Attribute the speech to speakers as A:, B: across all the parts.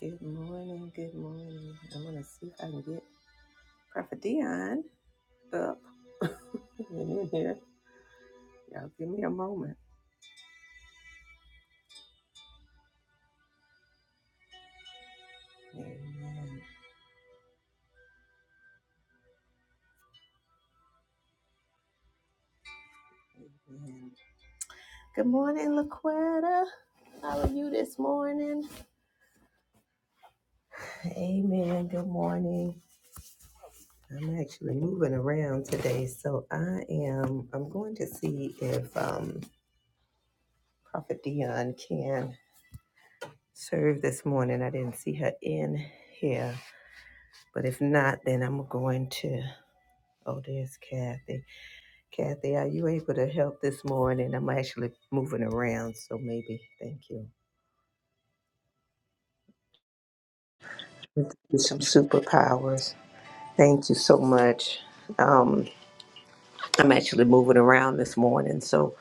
A: Good morning, good morning. I'm gonna see if I can get Prophet Dion up in here. Y'all give me a moment. Amen. Amen. Good morning, Laquetta. How are you this morning? Amen. Good morning. I'm actually moving around today, so I am I'm going to see if um Prophet Dion can serve this morning. I didn't see her in here. But if not, then I'm going to oh there's Kathy. Kathy, are you able to help this morning? I'm actually moving around, so maybe. Thank you. With Some superpowers. Thank you so much. Um, I'm actually moving around this morning, so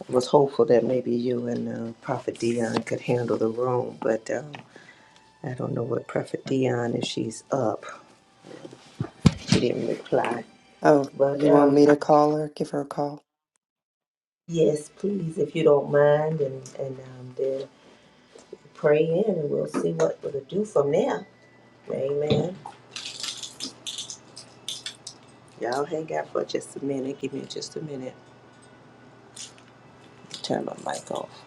A: I was hopeful that maybe you and uh, Prophet Dion could handle the room, but um, I don't know what Prophet Dion if she's up. She didn't reply.
B: Oh,
A: But
B: you want
A: um,
B: me to call her? Give her a call.
A: yes, please, if you don't mind, and, and um, then pray in, and we'll see what we'll do from there. Amen. Y'all hang out for just a minute. Give me just a minute. to Turn my mic off.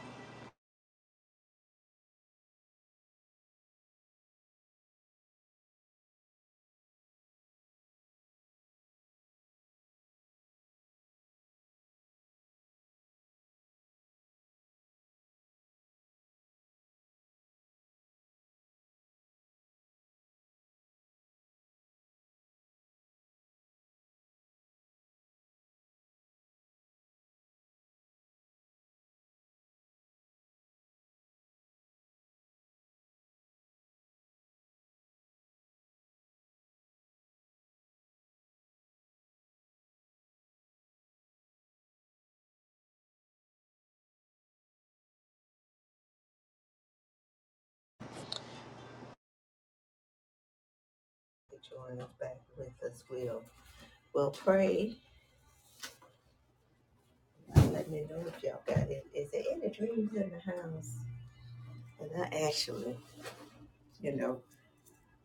A: Join us back with us. We'll, we'll pray. Let me know if y'all got it. Is there any dreams in the house? And I actually, you know,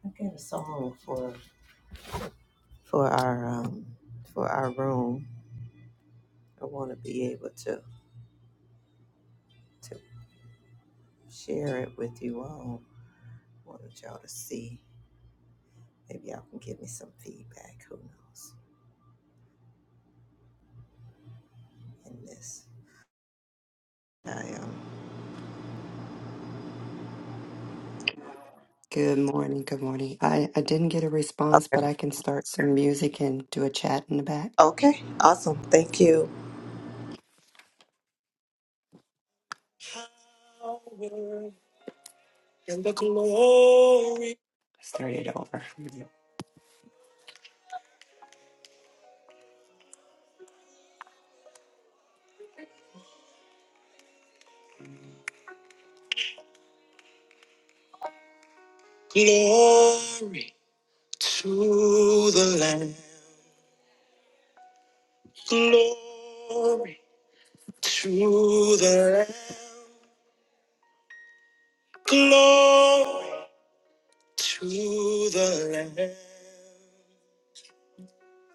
A: I got a song for for our um for our room. I want to be able to to share it with you all. I Wanted y'all to see. Maybe y'all can give me some feedback. Who knows? In this, I um.
B: Good morning. Good morning. I, I didn't get a response,
A: Okay.
B: but I can start some music and do a chat in the back.
A: Okay. Awesome. Thank you.
B: Power and the glory. Start it over. Glory to the Lamb. Glory to the Lamb. Glory to the Lamb.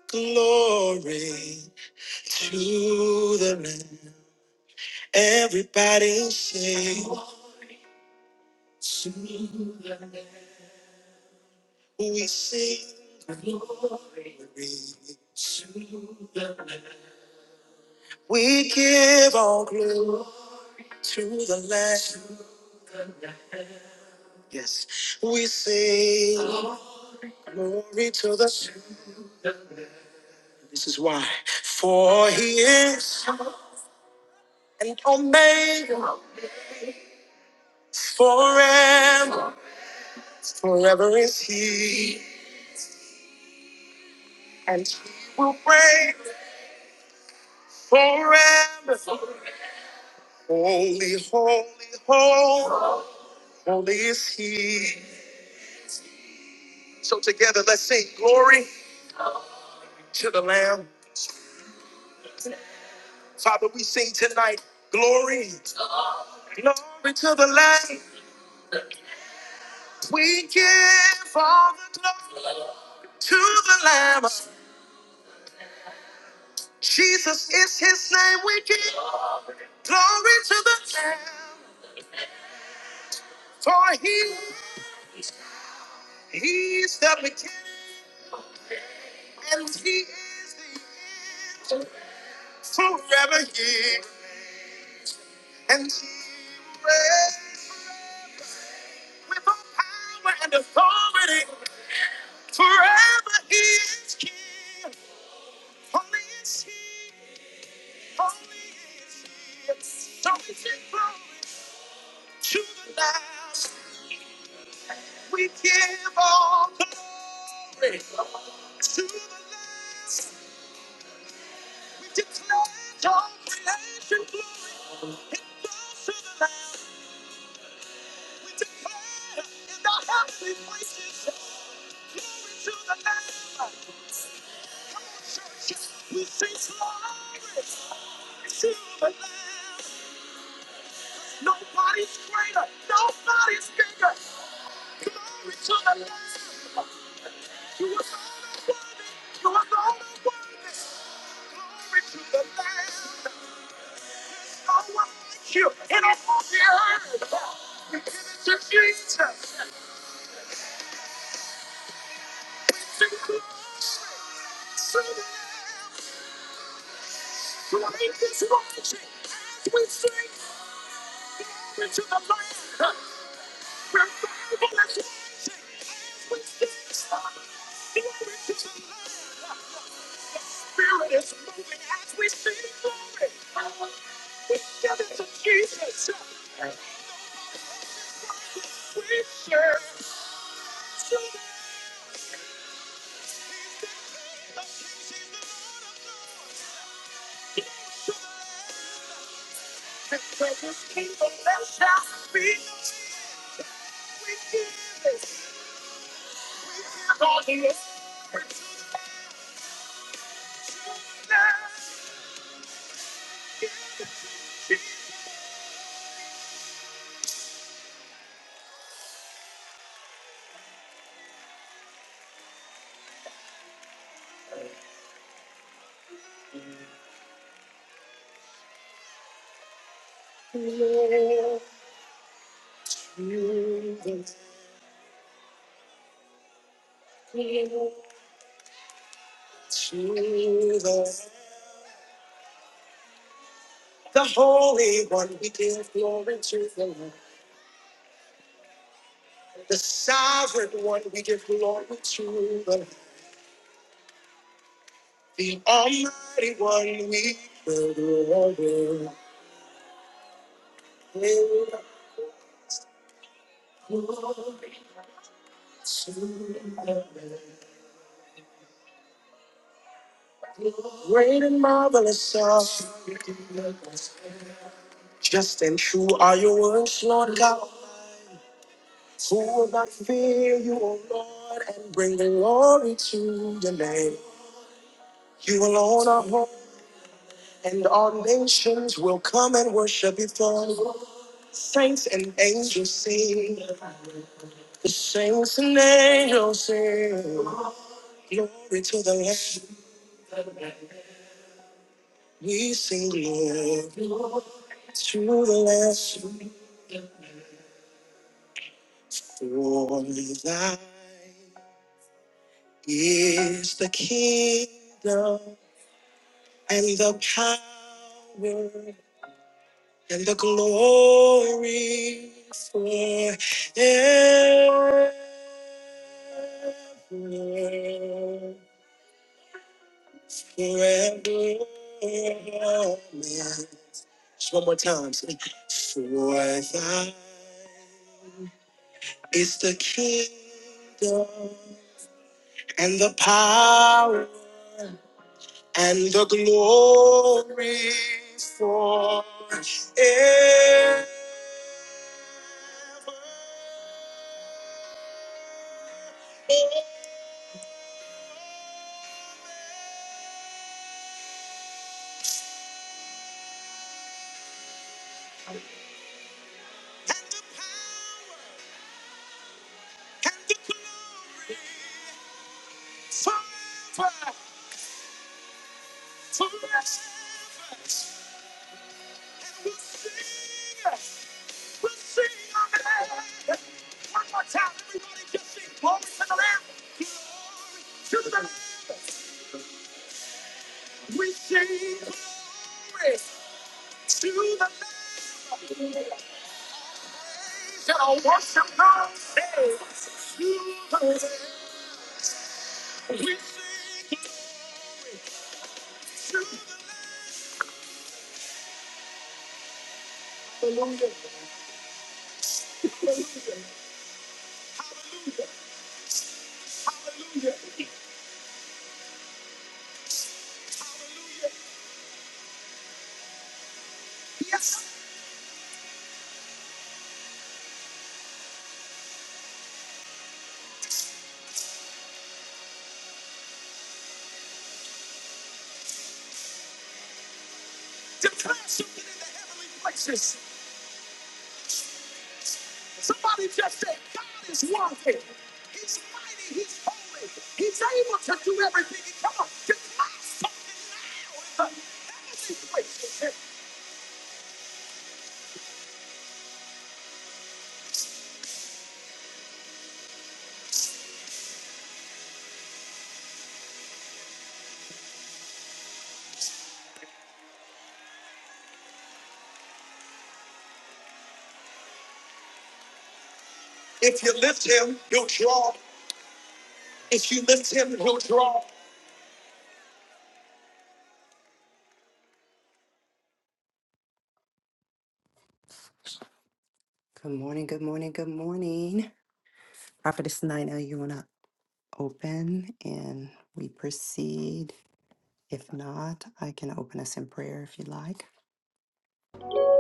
B: Glory to the Lamb. Everybody sing. We sing. We give all glory to the Lamb. Yes, we sing glory to the. This is why, for He is an Omega, forever, forever is He. Will reign forever. Holy, holy, holy. Holy is he. So together, let's sing glory to the Lamb. Father, we sing tonight, glory, glory to the Lamb. We give all the glory to the Lamb. Jesus is his name. We give glory to the Lamb. For he, he's the beginning and he is the end. Forever he and he reigns. with all power and authority. Forever he is king. Only is he, only is he. So we give glory to the last. We give all glory to the last. We declare all creation glory. It goes to the Lamb. We declare in the heavenly places glory to the last. We sing glory to the Lamb. Nobody's greater. Nobody's bigger. Glory to the Lamb. You are so worthy. You are so worthy. Glory to the Lamb. No one like you in all the earth. We give it to Jesus. Sing glory to the Lamb. Great is rising as we sing glory to the Lamb. The Holy One, we give glory to the Lord. The sovereign one we give glory to. The almighty one we give glory. Great and marvelous are you. Just and true are your words, Lord God. Who will not fear you, O Lord, and bring glory to your name? You alone are holy, and all nations will come and worship before you. Saints and angels sing. The saints and angels sing glory to the Lamb. We sing glory to the Lamb. For thine is the kingdom and the power and the glory forever. forever. Just one more time. say, For thine is the kingdom and the power and the glory forever. And the power and the glory forever. To the heavens, we sing. We sing, amen. One more time, everybody, just sing. Glory to the heavens. We sing glory to the heavens. And I worship God. Hey, to the heavens, we sing glory to the heavens. Hallelujah. Hallelujah. Hallelujah. Yes. Declare something in the heavenly places. Somebody just say, God is worthy. He's mighty. He's holy. He's able to do everything. Come on, declare something now in the heavenly places. If you lift him, he'll draw. If you lift him, he'll draw. Good morning, good morning, good morning. Prophetess Nina, you want to open and we proceed? If not, I can open us in prayer if you like.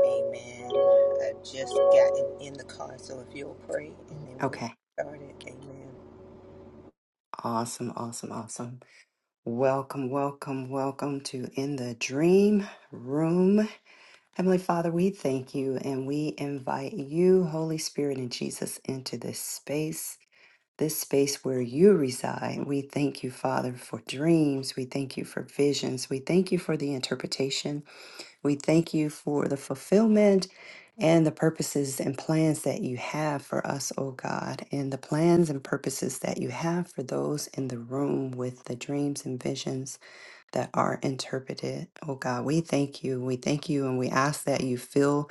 A: Amen. I've just gotten in the car, so if you'll pray and then we'll
B: Okay.
A: start it.
B: Awesome, awesome, awesome. Welcome, welcome, welcome to In the Dream Room. Heavenly Father, we thank you and we invite you, Holy Spirit and Jesus, into this space, this space where you reside. We thank you, Father, for dreams. We thank you for visions. We thank you for the interpretation. We thank you for the fulfillment and the purposes and plans that you have for us, O God, and the plans and purposes that you have for those in the room with the dreams and visions that are interpreted. Oh God, we thank you. We thank you and we ask that you fill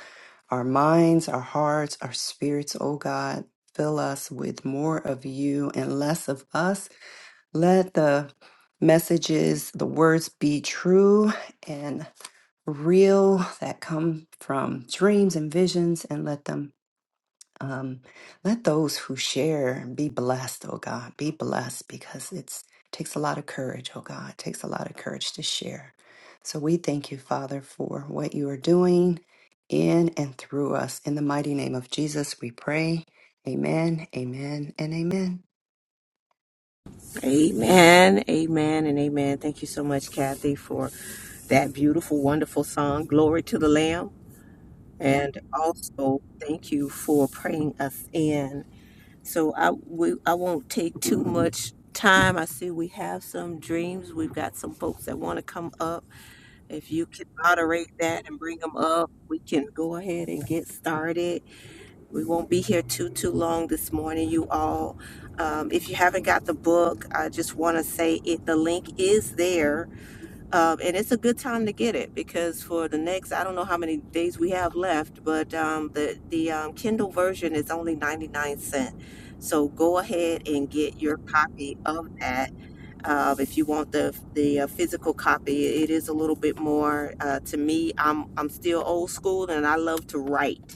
B: our minds, our hearts, our spirits, oh God. Fill us with more of you and less of us. Let the messages, the words be true and real that come from dreams and visions and let them um, let those who share be blessed, oh God, be blessed because it's takes a lot of courage, oh God, it takes a lot of courage to share. So we thank you, Father, for what you are doing in and through us. In the mighty name of Jesus, we pray. Amen, amen, and amen.
A: Amen. Amen, amen, and amen. Thank you so much, Kathy, for that beautiful, wonderful song, Glory to the Lamb. And also, thank you for praying us in. So, I, we, I won't take too much time. I see we have some dreams. We've got some folks that want to come up. If you can moderate that and bring them up, we can go ahead and get started. We won't be here too too long this morning, you all. Um, if you haven't got the book, I just want to say it. The link is there, um, and it's a good time to get it because for the next I don't know how many days we have left, but um, the the um, Kindle version is only ninety nine cent. So go ahead and get your copy of that. Um, if you want the the uh, physical copy, it is a little bit more. Uh, to me, I'm I'm still old school, and I love to write.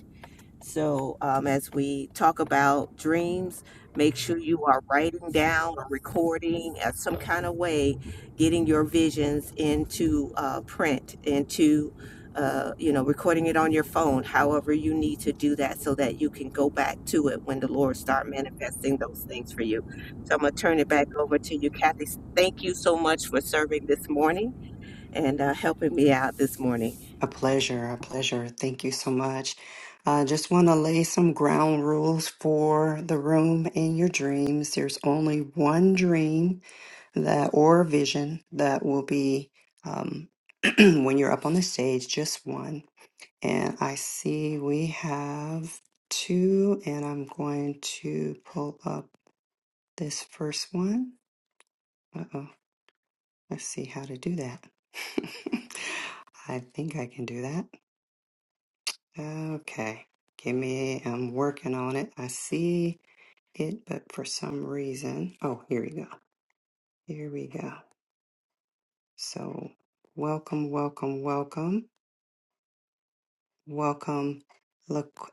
A: So, um, as we talk about dreams, make sure you are writing down or recording at some kind of way, getting your visions into uh, print, into uh, you know, recording it on your phone. However, you need to do that so that you can go back to it when the Lord start manifesting those things for you. So, I'm gonna turn it back over to you, Kathy. Thank you so much for serving this morning and uh, helping me out this morning.
B: A pleasure, a pleasure. Thank you so much. I just want to lay some ground rules for the room and your dreams. There's only one dream that or vision that will be um, when you're up on the stage, just one. And I see we have two, and I'm going to pull up this first one. Uh oh, let's see how to do that. I think I can do that. Okay, give me, I'm working on it. I see it, but for some reason, oh, here we go. Here we go. So, welcome, welcome, welcome. Welcome, Laqu-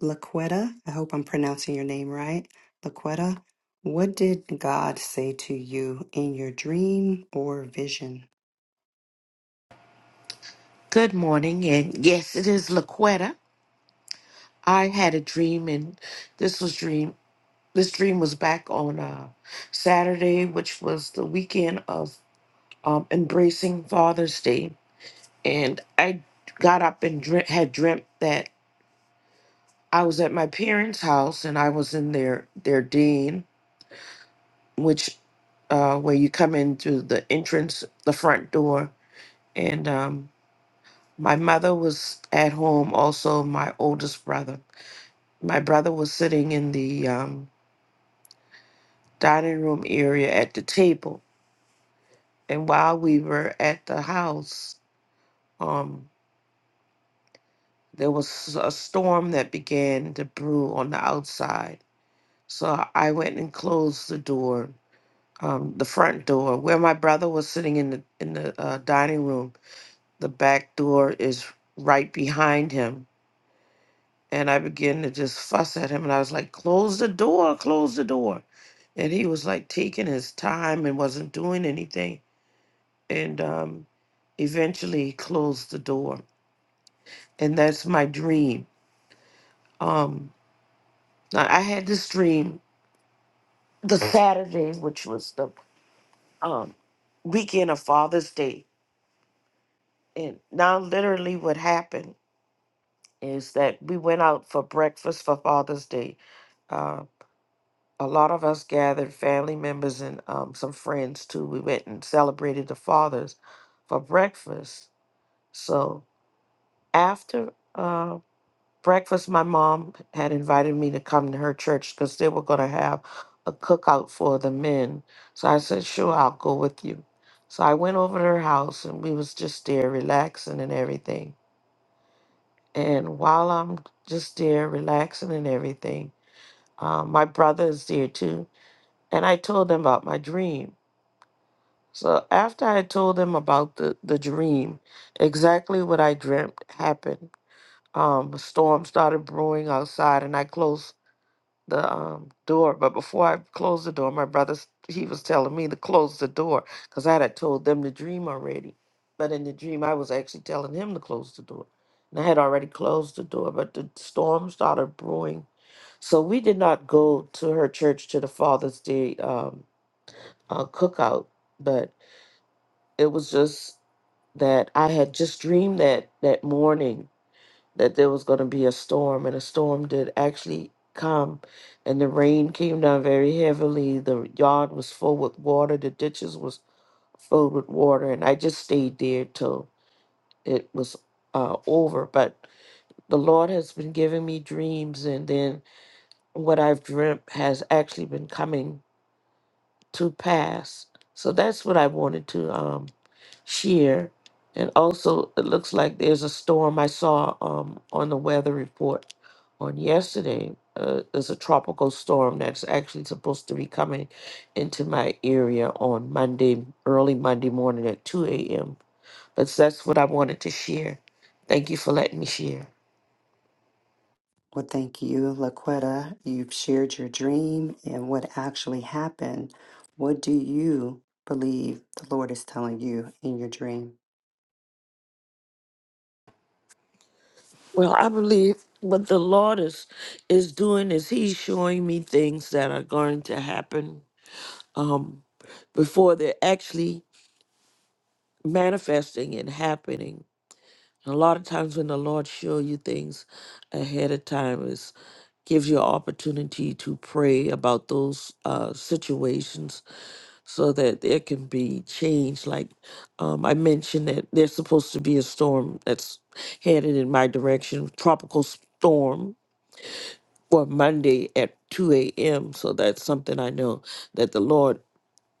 B: Laquetta. I hope I'm pronouncing your name right. Laquetta, what did God say to you in your dream or vision?
C: Good morning, and yes, it is Laquetta. I had a dream, and this was dream. This dream was back on uh, Saturday, which was the weekend of um, embracing Father's Day, and I got up and dream, had dreamt that I was at my parents' house, and I was in their their den, which uh, where you come in through the entrance, the front door, and um, my mother was at home, also my oldest brother My brother was sitting in the um, dining room area at the table, and while we were at the house, um, there was a storm that began to brew on the outside. So I went and closed the door, um, the front door, where my brother was sitting in the in the uh, dining room. The back door is right behind him, And I began to just fuss at him. And I was like, close the door, close the door. And he was like taking his time and wasn't doing anything. And um, eventually he closed the door. And that's my dream. Um, I I had this dream the Saturday, which was the um, weekend of Father's Day. And now, literally, what happened is that we went out for breakfast for Father's Day. Um, a lot of us gathered family members and um, some friends too. We went and celebrated the fathers for breakfast. So after uh, breakfast, my mom had invited me to come to her church because they were going to have a cookout for the men. So I said, "Sure, I'll go with you." So I went over to her house and we was just there relaxing and everything. And while I'm just there relaxing and everything, um, my brother is there too. And I told him about my dream. So after I told them about the, the dream, exactly what I dreamt happened. Um, a storm started brewing outside, and I closed the um, door. But before I closed the door, my brother s- he was telling me to close the door because I had told them the dream already. But in the dream, I was actually telling him to close the door, and I had already closed the door. But the storm started brewing, so we did not go to her church to the Father's Day um, uh, cookout, but it was just that I had just dreamed that that morning that there was going to be a storm, and a storm did actually come, and the rain came down very heavily. The yard was full with water, the ditches was filled with water, and I just stayed there till it was uh, over. But the Lord has been giving me dreams, and then what I've dreamt has actually been coming to pass. So that's what I wanted to um, share. And also, it looks like there's a storm I saw um, on the weather report on yesterday. Uh, there's a tropical storm that's actually supposed to be coming into my area on Monday, early Monday morning at 2 a.m. But that's what I wanted to share. Thank you for letting me share.
B: Well, thank you, Laquetta. You've shared your dream and what actually happened. What do you believe the Lord is telling you in your dream?
C: Well, I believe what the Lord is is doing is He's showing me things that are going to happen. Um, before they're actually manifesting and happening. And a lot of times when the Lord shows you things ahead of time is gives you an opportunity to pray about those uh, situations so that there can be change. Like um, I mentioned that there's supposed to be a storm that's headed in my direction, tropical storm for Monday at 2 a.m. So that's something I know that the Lord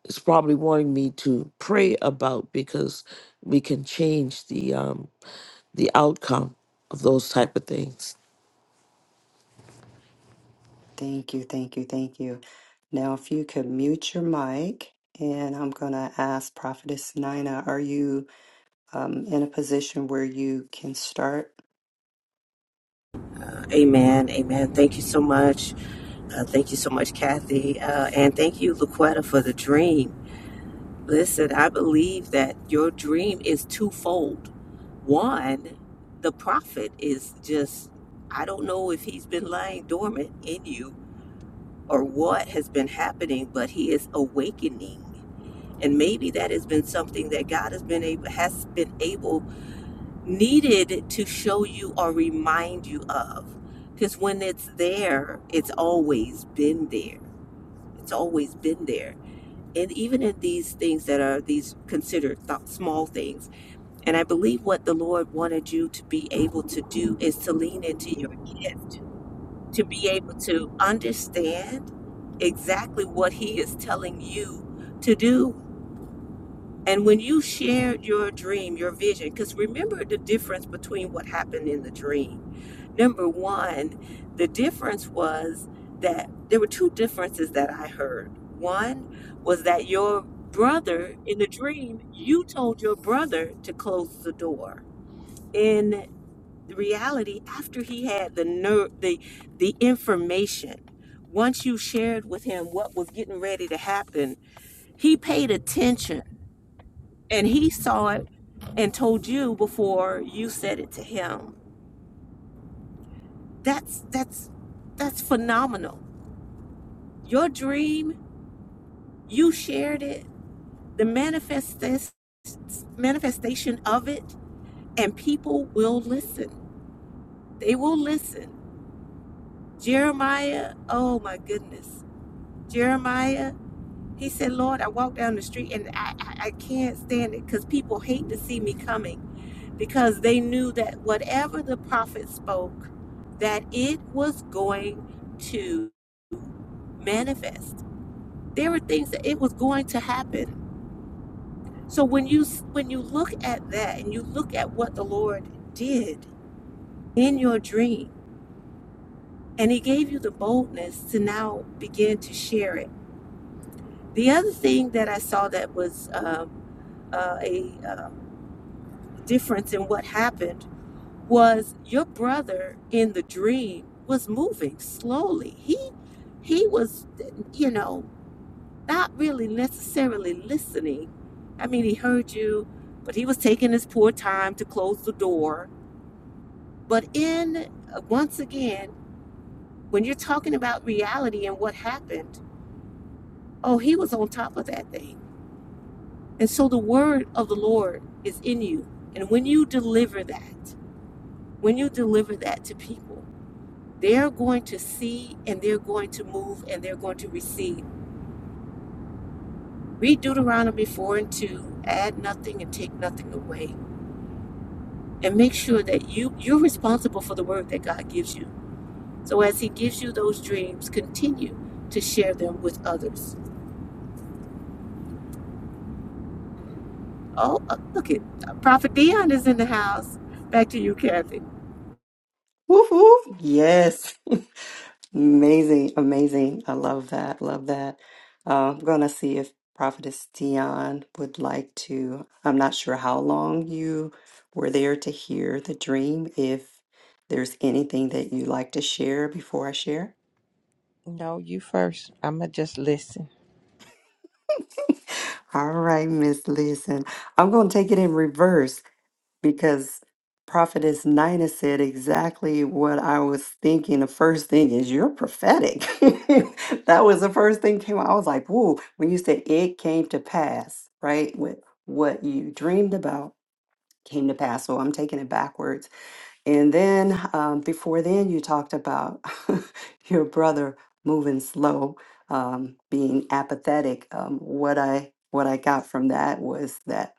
C: is probably wanting me to pray about because we can change the um the outcome of those type of things.
B: Thank you, thank you, thank you. Now, if you could mute your mic, and I'm going to ask Prophetess Nina, are you? um, in a position where you can start.
A: Amen. Amen. Thank you so much. Uh, thank you so much, Kathy. Uh, and thank you, Laquetta, for the dream. Listen, I believe that your dream is twofold. One, the prophet is just, I don't know if he's been lying dormant in you or what has been happening, but he is awakening. And maybe that has been something that God has been able, has been able needed to show you or remind you of. Because when it's there, it's always been there. It's always been there. And even in these things that are these considered th- small things. And I believe what the Lord wanted you to be able to do is to lean into your gift, to be able to understand exactly what He is telling you to do. And when you shared your dream, your vision, because remember the difference between what happened in the dream number one, the difference was that there were two differences that I heard. One was that your brother, in the dream, you told your brother to close the door. In reality, after he had the ner- the the information, once you shared with him what was getting ready to happen, he paid attention and he saw it and told you before you said it to him. That's that's that's phenomenal Your dream, you shared it, the manifest manifestation of it, and people will listen. They will listen. Jeremiah, oh my goodness. Jeremiah, he said, Lord, I walk down the street and I, I, I can't stand it because people hate to see me coming because they knew that whatever the prophet spoke, that it was going to manifest. There were things that it was going to happen So when you when you look at that and you look at what the Lord did in your dream and he gave you the boldness to now begin to share it. The other thing that I saw that was um, uh, a uh, difference in what happened was your brother in the dream was moving slowly. He he was, you know, not really necessarily listening. I mean, he heard you, but he was taking his poor time to close the door But in uh, once again, when you're talking about reality and what happened, oh, he was on top of that thing. And so the word of the Lord is in you. And when you deliver that, when you deliver that to people, they're going to see and they're going to move and they're going to receive. Read Deuteronomy 4 and 2, add nothing and take nothing away. And make sure that you you're responsible for the word that God gives you. So as he gives you those dreams, continue to share them with others Oh, uh, look at Prophet Dion is in the house. Back to you, Kathy.
B: Woof woof. Yes. Amazing. Amazing. I love that. Love that. Uh, I'm going to see if Prophetess Dion would like to. I'm not sure how long you were there to hear the dream. If there's anything that you'd like to share before I share.
D: No, you first. I'ma just listen.
B: All right, Miss Listen. I'm going to take it in reverse because Prophetess Nina said exactly what I was thinking. The first thing is you're prophetic. that was the first thing came. out. I was like, "Whoa!" When you said it came to pass, right? What what you dreamed about came to pass. So I'm taking it backwards. And then um, before then, you talked about your brother moving slow, um, being apathetic. Um, what I what I got from that was that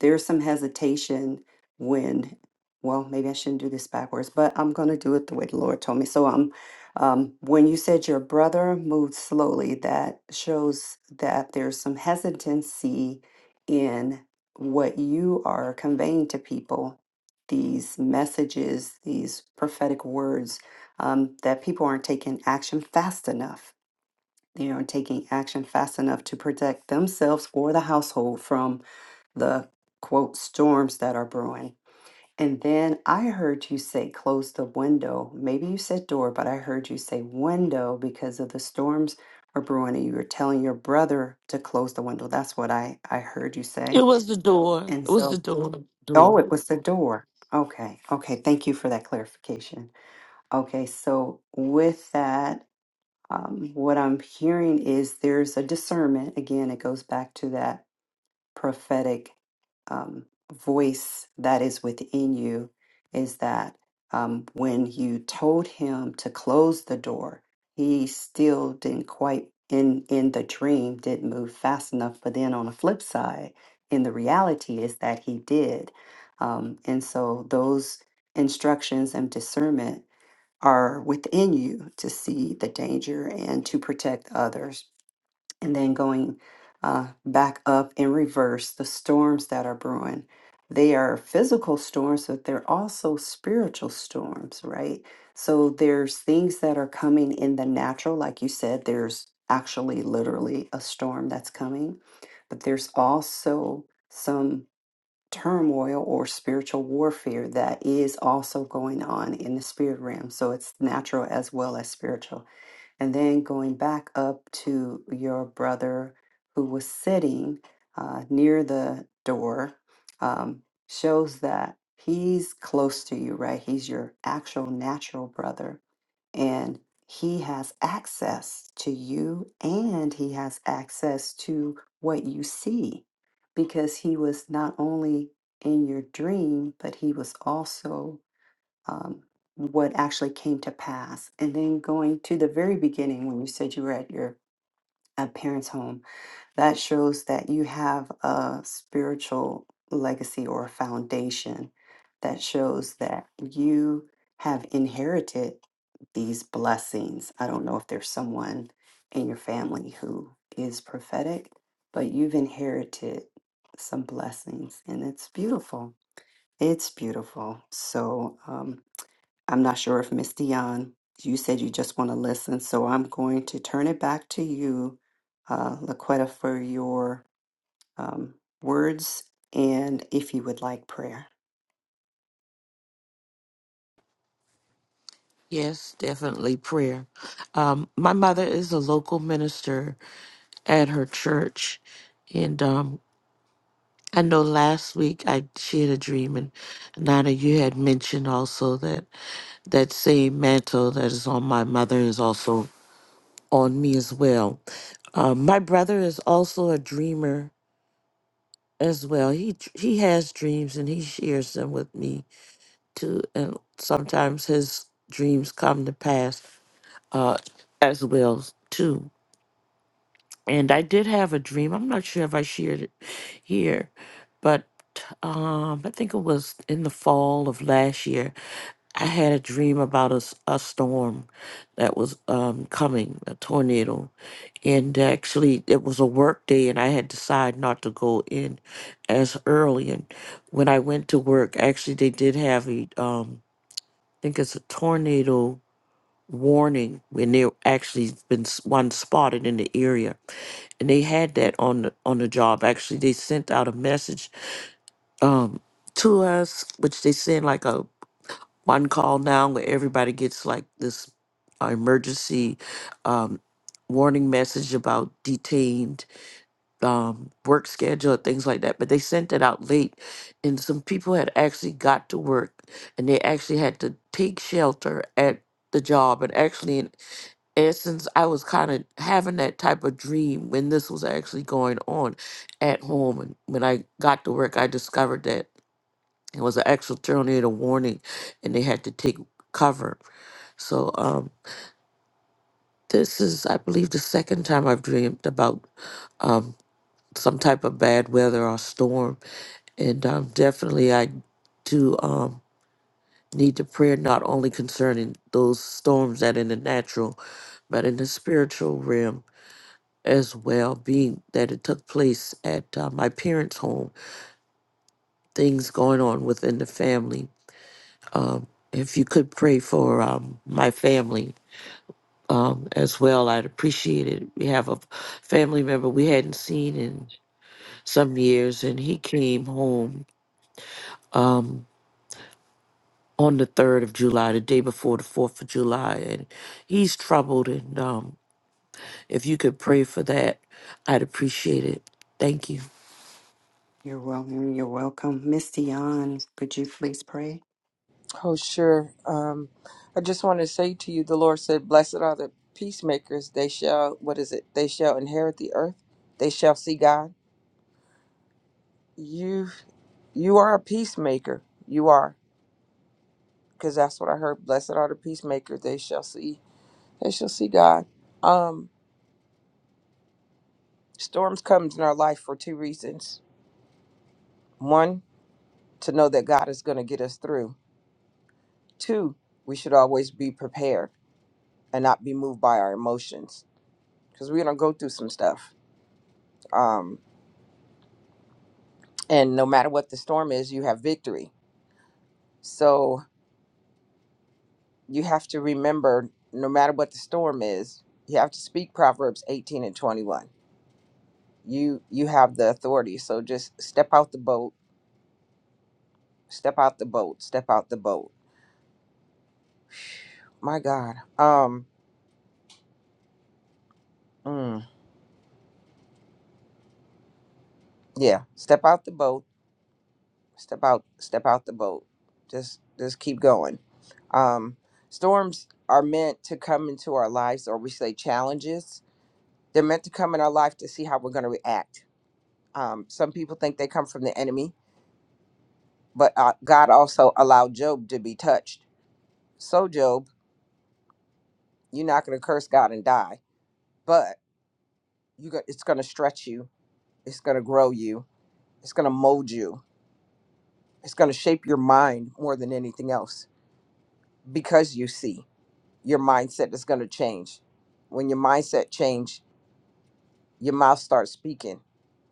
B: there's some hesitation when well maybe i shouldn't do this backwards but i'm going to do it the way the lord told me so um, um when you said your brother moved slowly that shows that there's some hesitancy in what you are conveying to people these messages, these prophetic words, um, that people aren't taking action fast enough. They aren't taking action fast enough to protect themselves or the household from the quote storms that are brewing. And then I heard you say close the window. Maybe you said door, but I heard you say window because of the storms are brewing and you were telling your brother to close the window. That's what I, I heard you
C: It
B: say.
C: was the door.
B: And
C: It was
B: so
C: the door.
B: Oh,
C: Door.
B: it was the door. Okay. Okay. Thank you for that clarification. Okay. So, with that, um, what I'm hearing is there's a discernment. Again, it goes back to that prophetic um, voice that is within you is that um, when you told him to close the door, he still didn't quite in in the dream didn't move fast enough. But then on the flip side, in the reality is that he did, um, and so those instructions and discernment are within you to see the danger and to protect others and then going uh, back up in reverse, the storms that are brewing. They are physical storms, but they're also spiritual storms, right? So there's things that are coming in the natural. Like you said, there's actually literally a storm that's coming, but there's also some turmoil or spiritual warfare that is also going on in the spirit realm. So it's natural as well as spiritual. And then going back up to your brother who was sitting uh, near the door um, shows that he's close to you, right? He's your actual natural brother. And he has access to you and he has access to what you see because he was not only in your dream, but he was also um, what actually came to pass. And then going to the very beginning when you said you were at your uh, parents' home, that shows that you have a spiritual legacy or a foundation that shows that you have inherited these blessings. I don't know if there's someone in your family who is prophetic, but you've inherited some blessings and it's beautiful. It's beautiful. So, um, I'm not sure if Miss Dion, you said you just want to listen, so I'm going to turn it back to you, uh, Laquetta, for your um, words and if you would like prayer.
C: Yes, definitely prayer. Um, my mother is a local minister at her church, and um, I know last week I she had a dream, and Nana, you had mentioned also that that same mantle that is on my mother is also on me as well. Um, my brother is also a dreamer as well. He dr- he has dreams and he shares them with me too. And sometimes his dreams come to pass uh, as well too. And I did have a dream. I'm not sure if I shared it here, but um, I think it was in the fall of last year. I had a dream about a, s- a storm that was um, coming, a tornado. And actually, it was a work day, and I had decided not to go in as early. And when I went to work, actually, they did have a, um, I think it's a tornado warning, when there actually been s- one spotted in the area and they had that on the on the job. Actually, they sent out a message um, to us, which they send like a one call now where everybody gets like this uh, emergency um, warning message about detained um, work schedule and things like that. But they sent it out late, and some people had actually got to work, and they actually had to take shelter at the job and actually and since I was kind of having that type of dream when this was actually going on at home, and when I got to work, I discovered that it was an actual tornado warning, and they had to take cover. So um, this is, I believe, the second time I've dreamed about um, some type of bad weather or storm, and um, definitely I do um, need to pray not only concerning those storms that in the natural, but in the spiritual realm as well, being that it took place at uh, my parents' home, things going on within the family. Um, if you could pray for um, my family um, as well, I'd appreciate it. We have a family member we hadn't seen in some years, and he came home on the 3rd of July, the day before the 4th of July, and he's troubled. And um, if you could pray for that, I'd appreciate it. Thank you.
B: You're welcome. You're welcome. Miss Dion, could you please pray?
D: Oh, sure. Um, I just want to say to you, the Lord said, Blessed are the peacemakers. They shall, what is it? They shall inherit the earth. They shall see God. You, you are a peacemaker. You are, because that's what I heard. Blessed are the peacemakers. They shall see, they shall see God. Um, storms comes in our life for two reasons. One, to know that God is going to get us through. Two, we should always be prepared and not be moved by our emotions because we're gonna go through some stuff. Um, and no matter what the storm is, you have victory. So you have to remember, no matter what the storm is, you have to speak Proverbs 18 and 21. You you have the authority. So just step out the boat, step out the boat, step out the boat. My God. Um. mm, yeah. Step out the boat. Step out. Step out the boat. Just just keep going. Um. Storms are meant to come into our lives, or we say challenges They're meant to come in our life to see how we're going to react. Um, some people think they come from the enemy, but uh, God also allowed Job to be touched. So Job, you're not going to curse God and die, but you go, it's going to stretch you. It's going to grow you. It's going to mold you. It's going to shape your mind more than anything else because you see your mindset is going to change. When your mindset change, your mouth starts speaking,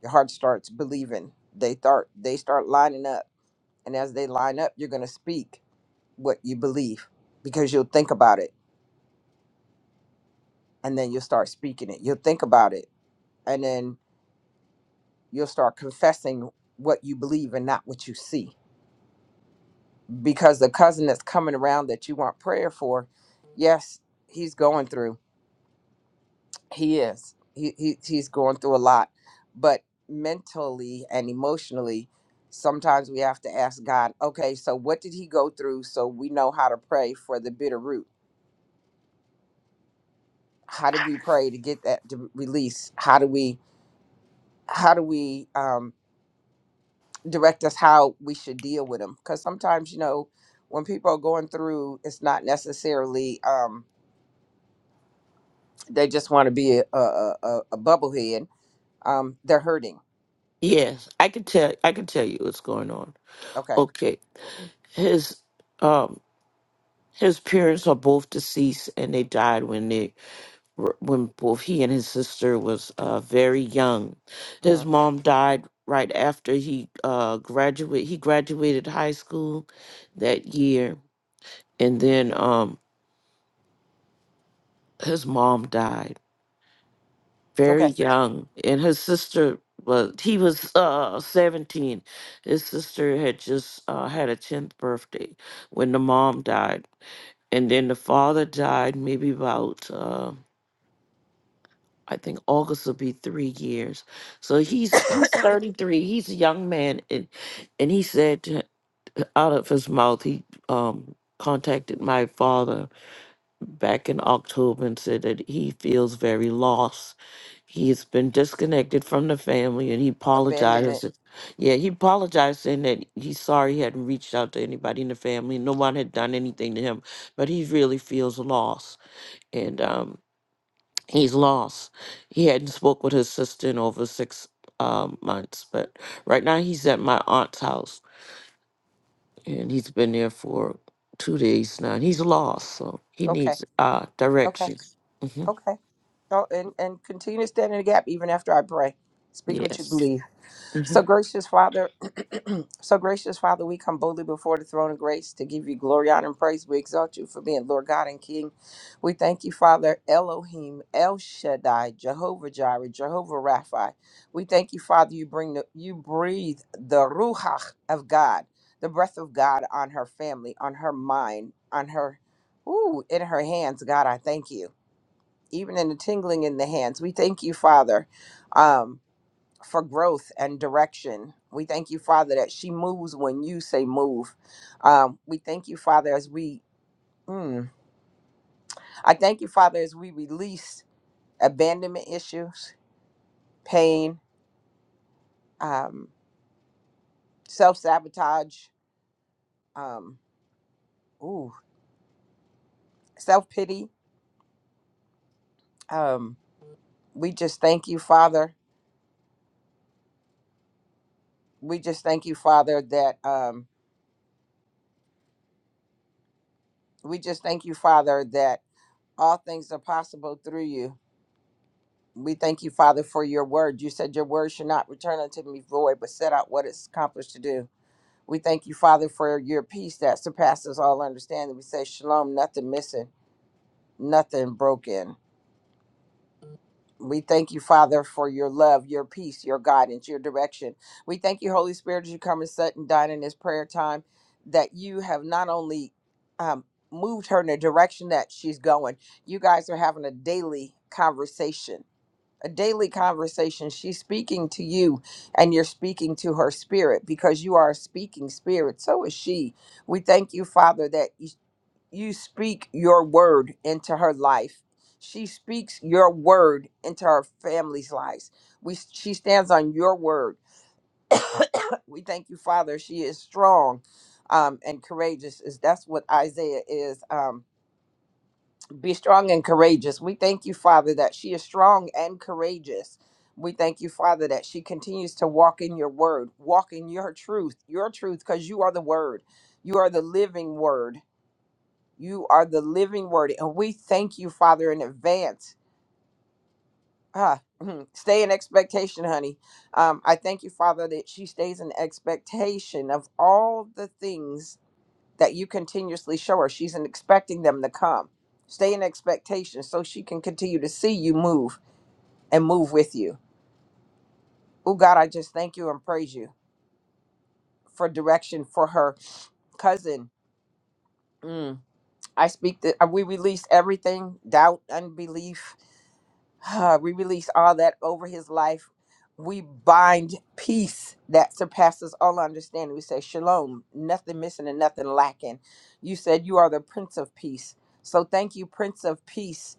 D: your heart starts believing. They start they start lining up And as they line up, you're going to speak what you believe because you'll think about it and then you'll start speaking it. You'll think about it and then you'll start confessing what you believe and not what you see. Because the cousin that's coming around that you want prayer for, yes, he's going through. He is. He, he, he's going through a lot. But mentally and emotionally, sometimes we have to ask God, okay, so what did he go through so we know how to pray for the bitter root? how do we pray to get that to release how do we how do we um direct us how we should deal with them because sometimes you know when people are going through it's not necessarily um they just want to be a a, a, a bubblehead um they're hurting
C: Yes, I can tell. I can tell you what's going on.
D: okay
C: Okay. His um his parents are both deceased and they died when they were- when both he and his sister was uh very young.
D: hmm
C: His mom died right after he uh graduate he graduated high school that year and then um his mom died very
D: okay
C: young and his sister was he was uh 17 his sister had just uh had a 10th birthday when the mom died and then the father died maybe about uh i think august will be three years so he's he's 33 he's a young man and and he said to- out of his mouth he um contacted my father back in october and said that he feels very lost he's been disconnected from the family and he apologized
D: abandonment
C: yeah he apologized saying that he's sorry he hadn't reached out to anybody in the family no one had done anything to him but he really feels lost and um, he's lost. He hadn't spoke with his sister in over six um, months, but right now he's at my aunt's house, and he's been there for two days now. And he's lost, so he
D: okay
C: needs uh,
D: okay
C: direction. hmm
D: okay oh, and and continue to stand in the gap even after i pray speak what you
C: Yes.
D: believe so gracious father So, gracious Father, we come boldly before the throne of grace to give you glory, honor, and praise. We exalt you for being Lord God and King. We thank you, Father Elohim, El Shaddai, Jehovah Jireh, Jehovah Rapha. We thank you, Father, you bring the, you breathe the ruach of God, the breath of God on her family, on her mind, on her, ooh, in her hands. God, I thank you. Even in the tingling in the hands, we thank you, Father. Um, for growth and direction. We thank you, Father, that she moves when you say move. Um, we thank you, Father, as we, mm, I thank you, Father, as we release abandonment issues, pain, um, self sabotage, um, ooh, self pity. Um, we just thank you, Father. We just thank you, Father, that um, we just thank you, Father, that all things are possible through you We thank you, Father, for your word. You said your word should not return unto me void, but set out what it's accomplished to do. We thank you, Father, for your peace that surpasses all understanding. We say shalom, nothing missing, nothing broken. We thank you, Father, for your love, your peace, your guidance, your direction. We thank you, Holy Spirit, as you come and sit and dine in this prayer time, that you have not only um, moved her in the direction that she's going, you guys are having a daily conversation a daily conversation. She's speaking to you and you're speaking to her spirit because you are a speaking spirit. So is she. We thank you, Father, that you you speak your word into her life. She speaks your word into her family's lives. We she stands on your word. we thank you, Father. She is strong um, and courageous. Is that's what Isaiah is. Um, be strong and courageous. We thank you, Father, that she is strong and courageous. We thank you, Father, that she continues to walk in your word, walk in your truth, your truth, because you are the word. You are the living word. You are the living word. And we thank you, Father, in advance. Ah, mhm. stay in expectation, honey. Um, I thank you, Father, that she stays in expectation of all the things that you continuously show her. She's in- expecting them to come. Stay in expectation so she can continue to see you move and move with you. Oh, God, I just thank you and praise you for direction for her cousin. Mm, I speak that uh, we release everything doubt, unbelief. we release all that over his life. We bind peace that surpasses all understanding. We say, Shalom, nothing missing and nothing lacking. You said you are the Prince of Peace. So thank you, Prince of Peace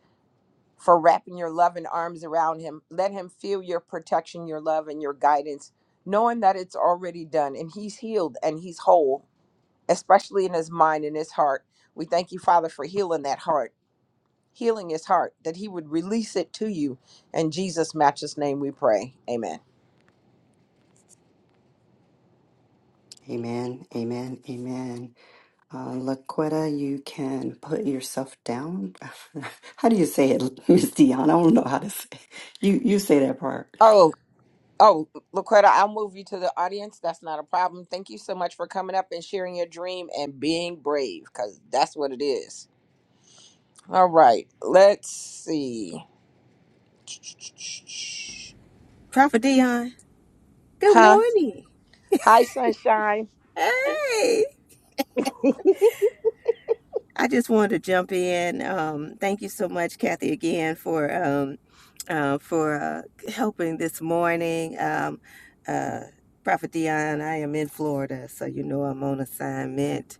D: for wrapping your loving arms around him. Let him feel your protection, your love, and your guidance, knowing that it's already done and he's healed and he's whole, especially in his mind and his heart. We thank you, Father, for healing that heart, healing his heart, that he would release it to you. In Jesus' matchless name we pray. Amen.
B: Amen. Amen. Amen. Uh, Laquetta, you can put yourself down. how do you say it, Miss Dion? I don't know how to say You, you say that part.
D: Oh, oh, Laquetta, I'll move you to the audience. That's not a problem. Thank you so much for coming up and sharing your dream and being brave, because that's what it is. All right, let's see.
A: Prophet Dion, good
D: Huh?
A: morning.
D: Hi, sunshine.
A: Hey, I just wanted to jump in. Um, thank you so much, Kathy, again for um, uh, for uh, helping this morning. Um, uh, Prophet Dion, I am in Florida, so you know I'm on assignment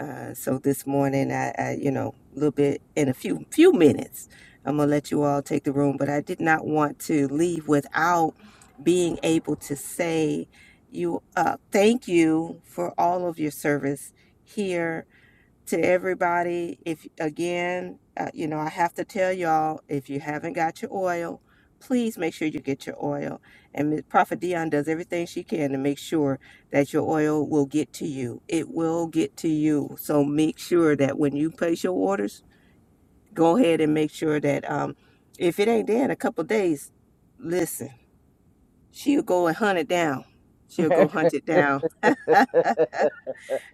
A: Uh, so this morning, I, I, you know, a little bit in a few few minutes, I'm gonna let you all take the room. But I did not want to leave without being able to say you uh, thank you for all of your service here to everybody. If again, uh, you know, I have to tell y'all if you haven't got your oil, please make sure you get your oil. And Ms. Prophet Dion does everything she can to make sure that your oil will get to you. It will get to you. So make sure that when you place your orders, go ahead and make sure that um, if it ain't there in a couple of days, listen, she'll go and hunt it down. She'll go hunt it down.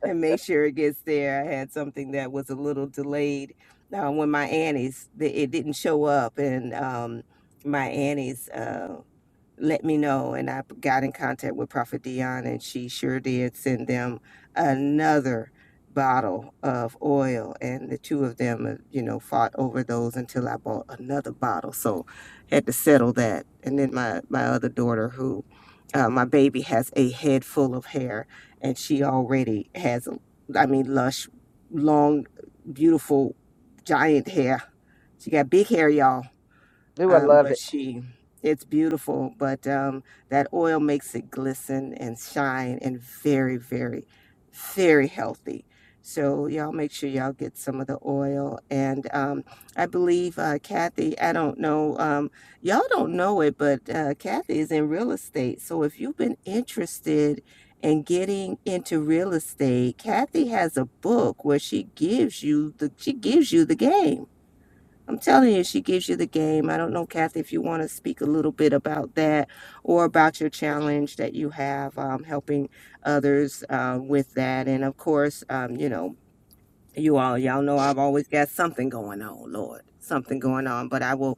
A: and make sure it gets there. I had something that was a little delayed uh, when my aunties, it didn't show up, and um, my aunties. uh, let me know. And I got in contact with Prophet Dion, and she sure did send them another bottle of oil. And the two of them, uh, you know, fought over those until I bought another bottle. So had to settle that. And then my my other daughter, who uh, my baby has a head full of hair, and she already has, a- I mean, lush, long, beautiful, giant hair. She got big hair, y'all
D: Do I
A: um,
D: love
A: but
D: it?
A: she it's beautiful but um, that oil makes it glisten and shine and very very very healthy so y'all make sure y'all get some of the oil and um, i believe uh, kathy i don't know um, y'all don't know it but uh, kathy is in real estate so if you've been interested in getting into real estate kathy has a book where she gives you the she gives you the game I'm telling you, she gives you the game. I don't know, Kathy, if you want to speak a little bit about that or about your challenge that you have um, helping others uh, with that. And of course, um, you know, you all, y'all know I've always got something going on, Lord, something going on. But I will,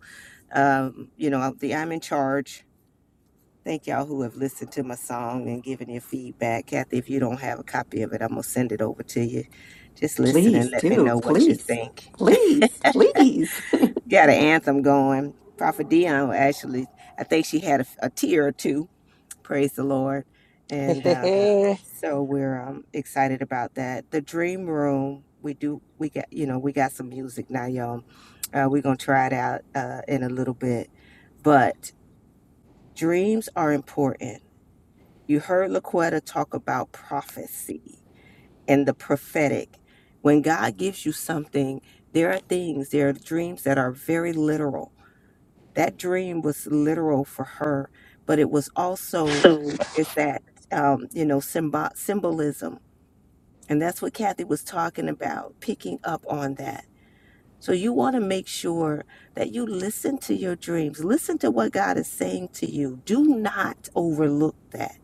A: um, you know, the I'm in charge. Thank y'all who have listened to my song and given your feedback. Kathy, if you don't have a copy of it, I'm going to send it over to you. Just listen and
B: Please
A: let me
B: do.
A: know what you
B: Please.
A: think.
B: Please. Please.
A: got an anthem going. Prophet Dion actually, I think she had a, a tear or two. Praise the Lord. And um, so we're um, excited about that. The Dream Room, we do, we got, you know, we got some music now, y'all. Uh, we're going to try it out uh, in a little bit. But dreams are important. You heard Laquetta talk about prophecy and the prophetic. When God gives you something, there are things, there are dreams that are very literal that dream was literal for her, but it was also
D: So
A: is that um, you know symbo- symbolism, and that's what Kathy was talking about, picking up on that. So you want to make sure that you listen to your dreams, listen to what God is saying to you. Do not overlook that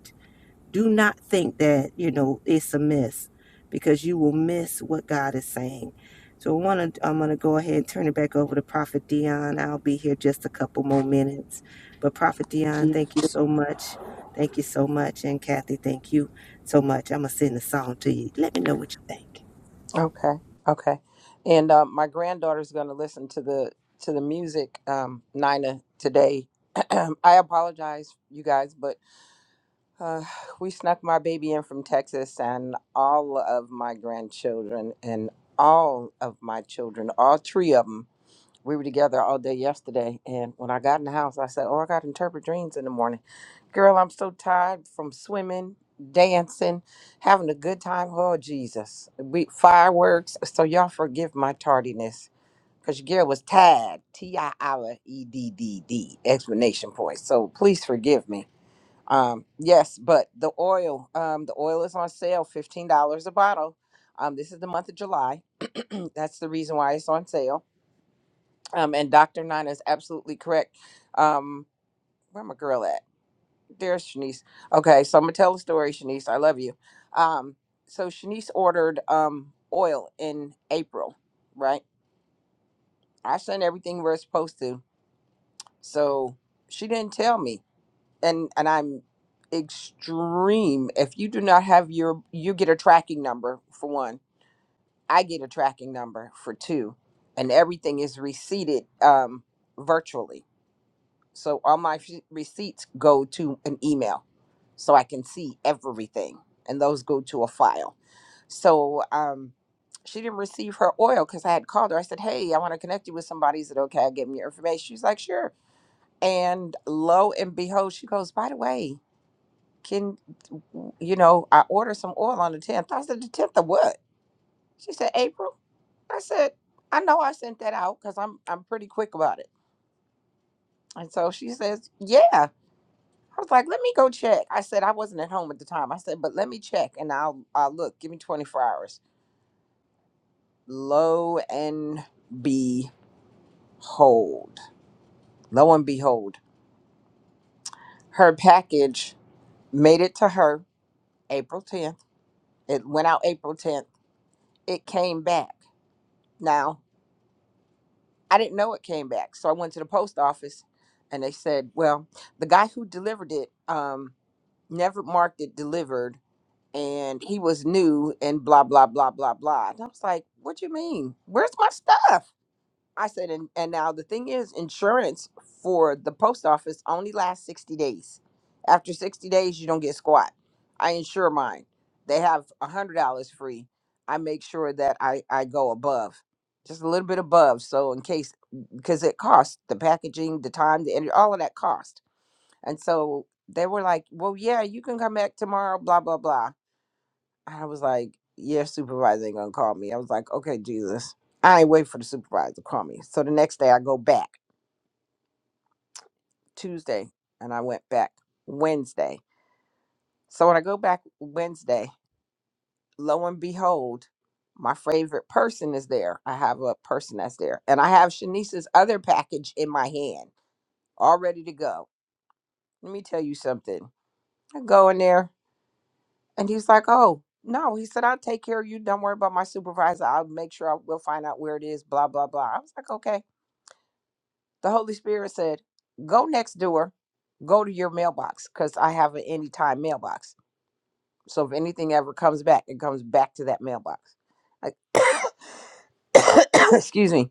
A: do not think that you know it's a miss because you will miss what god is saying so i want to i'm going to go ahead and turn it back over to prophet dion i'll be here just a couple more minutes but prophet dion thank you so much thank you so much and kathy thank you so much i'm going to send the song to you let me know what you think
D: okay, okay. And uh, my granddaughter's going to listen to the to the music, um, Nina, today. I apologize, you guys, but uh, we snuck my baby in from Texas, and all of my grandchildren and all of my children, all three of 'em. we were together all day yesterday and when i got in the house i said oh i got to interpret dreams in the morning girl i'm so tired from swimming dancing having a good time oh jesus we fireworks so y'all forgive my tardiness because your girl was tired t-i-r-e-d-d-d explanation point so please forgive me um yes but the oil um the oil is on sale $15 a bottle um this is the month of july that's the reason why it's on sale um, and Dr. Nina is absolutely correct. Um, where my girl at? There's Shanice. Okay, so I'm gonna tell a story, Shanice. I love you. Um, so Shanice ordered um oil in April, right? I sent everything we're supposed to, so she didn't tell me. And and I'm extreme. If you do not have your you get a tracking number for one, I get a tracking number for two, and everything is receipted um virtually So all my f- receipts go to an email so I can see everything, and those go to a file. So um, she didn't receive her oil because I had called her. I said, Hey, I want to connect you with somebody. Is it okay? I Give me your information. She's like, Sure. And lo and behold, she goes, By the way, can you know, I ordered some oil on the 10th. I said, The 10th of what? She said, April. I said, I know I sent that out because I'm I'm pretty quick about it. And so she says, Yeah. I was like, let me go check. I said I wasn't at home at the time. I said, but let me check and I'll I'll look. Give me 24 hours. Lo and behold. Lo and behold. Her package made it to her April 10th. It went out April 10th. It came back. Now, I didn't know it came back. So I went to the post office and they said, well, the guy who delivered it um never marked it delivered and he was new and blah blah blah blah blah. And I was like, "What do you mean? Where's my stuff?" I said, "And and now the thing is, insurance for the post office only lasts sixty days. After sixty days, you don't get squat. I insure mine. They have a hundred dollars free. I make sure that I I go above, just a little bit above, so in case because it costs the packaging, the time, the energy, all of that cost. And so they were like, "Well, yeah, you can come back tomorrow." Blah blah blah I was like, your supervisor ain't gonna call me. I was like, okay, Jesus. I ain't wait for the supervisor to call me. So the next day I go back Tuesday and I went back Wednesday. So when I go back Wednesday, lo and behold, my favorite person is there. I have a person that's there. And I have Shanice's other package in my hand, all ready to go. Let me tell you something. I go in there. And he's like, Oh, no. He said, I'll take care of you. Don't worry about my supervisor. I'll make sure I will find out where it is, blah, blah, blah. I was like, Okay. The Holy Spirit said, Go next door, go to your mailbox, because I have an anytime mailbox. So if anything ever comes back, it comes back to that mailbox. Like, excuse me.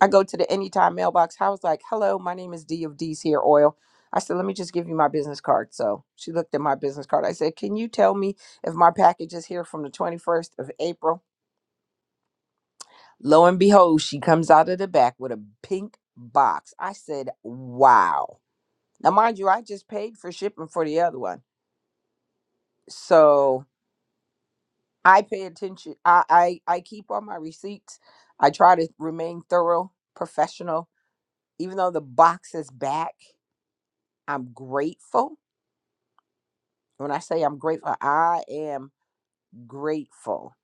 D: I go to the anytime mailbox. I was like, hello, my name is D of D's Hair Oil. I said, let me just give you my business card. So she looked at my business card. I said, can you tell me if my package is here from the 21st of April? Lo and behold, she comes out of the back with a pink box. I said, wow. Now, mind you, I just paid for shipping for the other one. So I pay attention. I, I, I keep all my receipts. I try to remain thorough, professional. Even though the box is back, I'm grateful When I say I'm grateful, I am grateful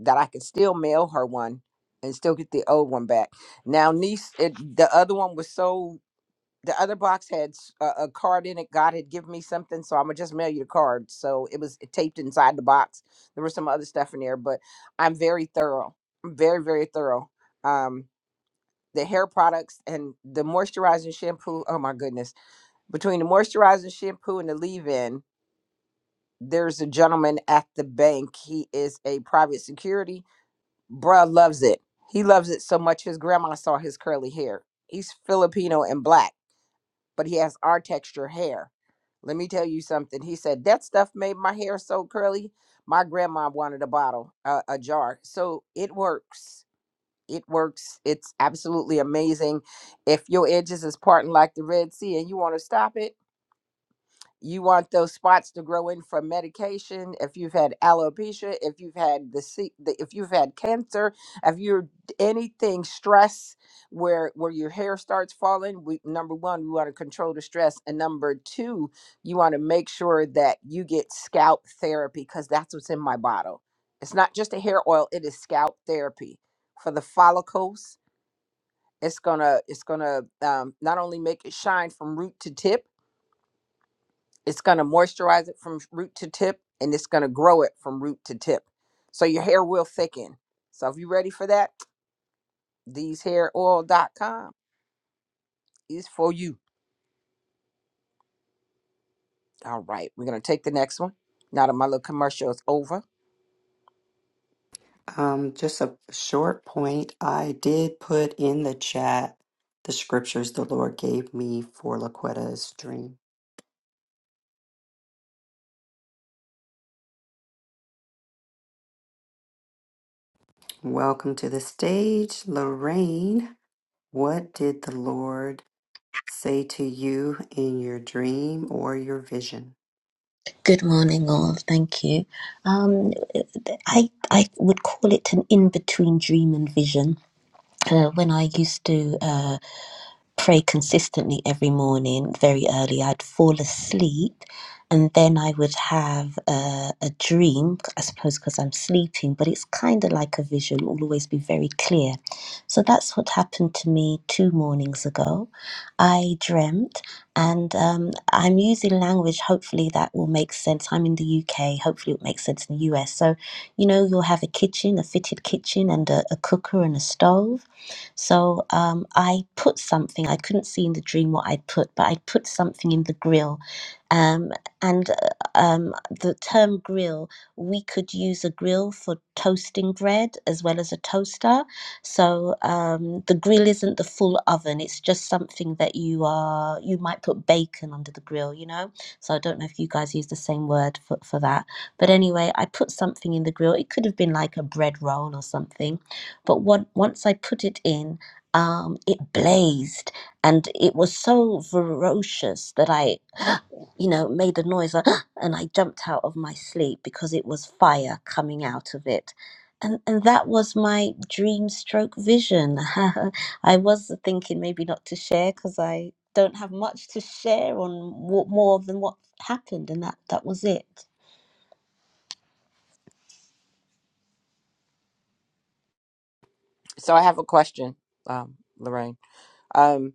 D: that I can still mail her one and still get the old one back. Now, niece, it, the other one was so the other box had s- a, a card in it. God had given me something, so I'm gonna just mail you the card. So it was taped inside the box. There was some other stuff in there, but I'm very thorough. I'm very very thorough. Um, the hair products and the moisturizing shampoo. Oh my goodness! Between the moisturizing shampoo and the leave-in, there's a gentleman at the bank. He is a private security. Bruh loves it. He loves it so much his grandma saw his curly hair. He's Filipino and black, but he has our texture hair. Let me tell you something. He said that stuff made my hair so curly. My grandma wanted a bottle, uh, a jar. So it works. It works. It's absolutely amazing. If your edges is parting like the Red Sea and you want to stop it, you want those spots to grow in from medication if you've had alopecia if you've had the, se- the if you've had cancer if you're d- anything stress where where your hair starts falling we, number one we want to control the stress and number two you want to make sure that you get scalp therapy because that's what's in my bottle it's not just a hair oil it is scalp therapy for the follicles it's gonna it's gonna um, not only make it shine from root to tip it's going to moisturize it from root to tip and it's going to grow it from root to tip. So your hair will thicken. So if you're ready for that, thesehairoil.com is for you. All right, we're going to take the next one. Now that my little commercial is over.
B: Um, just a short point. I did put in the chat the scriptures the Lord gave me for Laquetta's dream. Welcome to the stage, Lorraine. What did the Lord say to you in your dream or your vision?
E: Good morning, all. Thank you. Um, I I would call it an in between dream and vision. Uh, when I used to. Uh, pray consistently every morning very early. I'd fall asleep and then I would have a, a dream, I suppose, because I'm sleeping, but it's kind of like a vision, it will always be very clear. So that's what happened to me two mornings ago. I dreamt, and um, I'm using language, hopefully, that will make sense. I'm in the UK, hopefully, it makes sense in the US. So, you know, you'll have a kitchen, a fitted kitchen, and a, a cooker and a stove so um, I put something, I couldn't see in the dream what I'd put, but I'd put something in the grill. Um, and uh, um, the term grill, we could use a grill for toasting bread as well as a toaster. So um, the grill isn't the full oven, it's just something that you are, you might put bacon under the grill, you know? So I don't know if you guys use the same word for, for that. But anyway, I put something in the grill. It could have been like a bread roll or something but what, once I put it in, um, it blazed and it was so ferocious that I, you know, made a noise like, and I jumped out of my sleep because it was fire coming out of it. And, and that was my dream stroke vision. I was thinking maybe not to share because I don't have much to share on what, more than what happened, and that, that was it.
D: So I have a question, um, Lorraine. Um,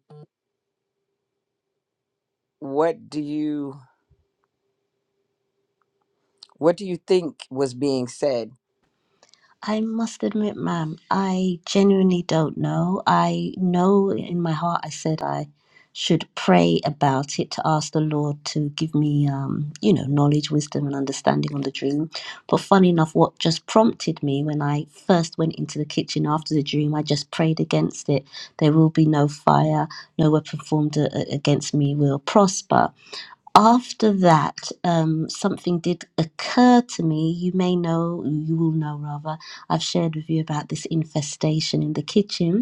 D: what do you What do you think was being said?
E: I must admit, ma'am, I genuinely don't know. I know in my heart I said I should pray about it to ask the Lord to give me, um, you know, knowledge, wisdom, and understanding on the dream. But funny enough, what just prompted me when I first went into the kitchen after the dream, I just prayed against it. There will be no fire, no weapon formed a- a- against me will prosper after that, um, something did occur to me. You may know, you will know rather, I've shared with you about this infestation in the kitchen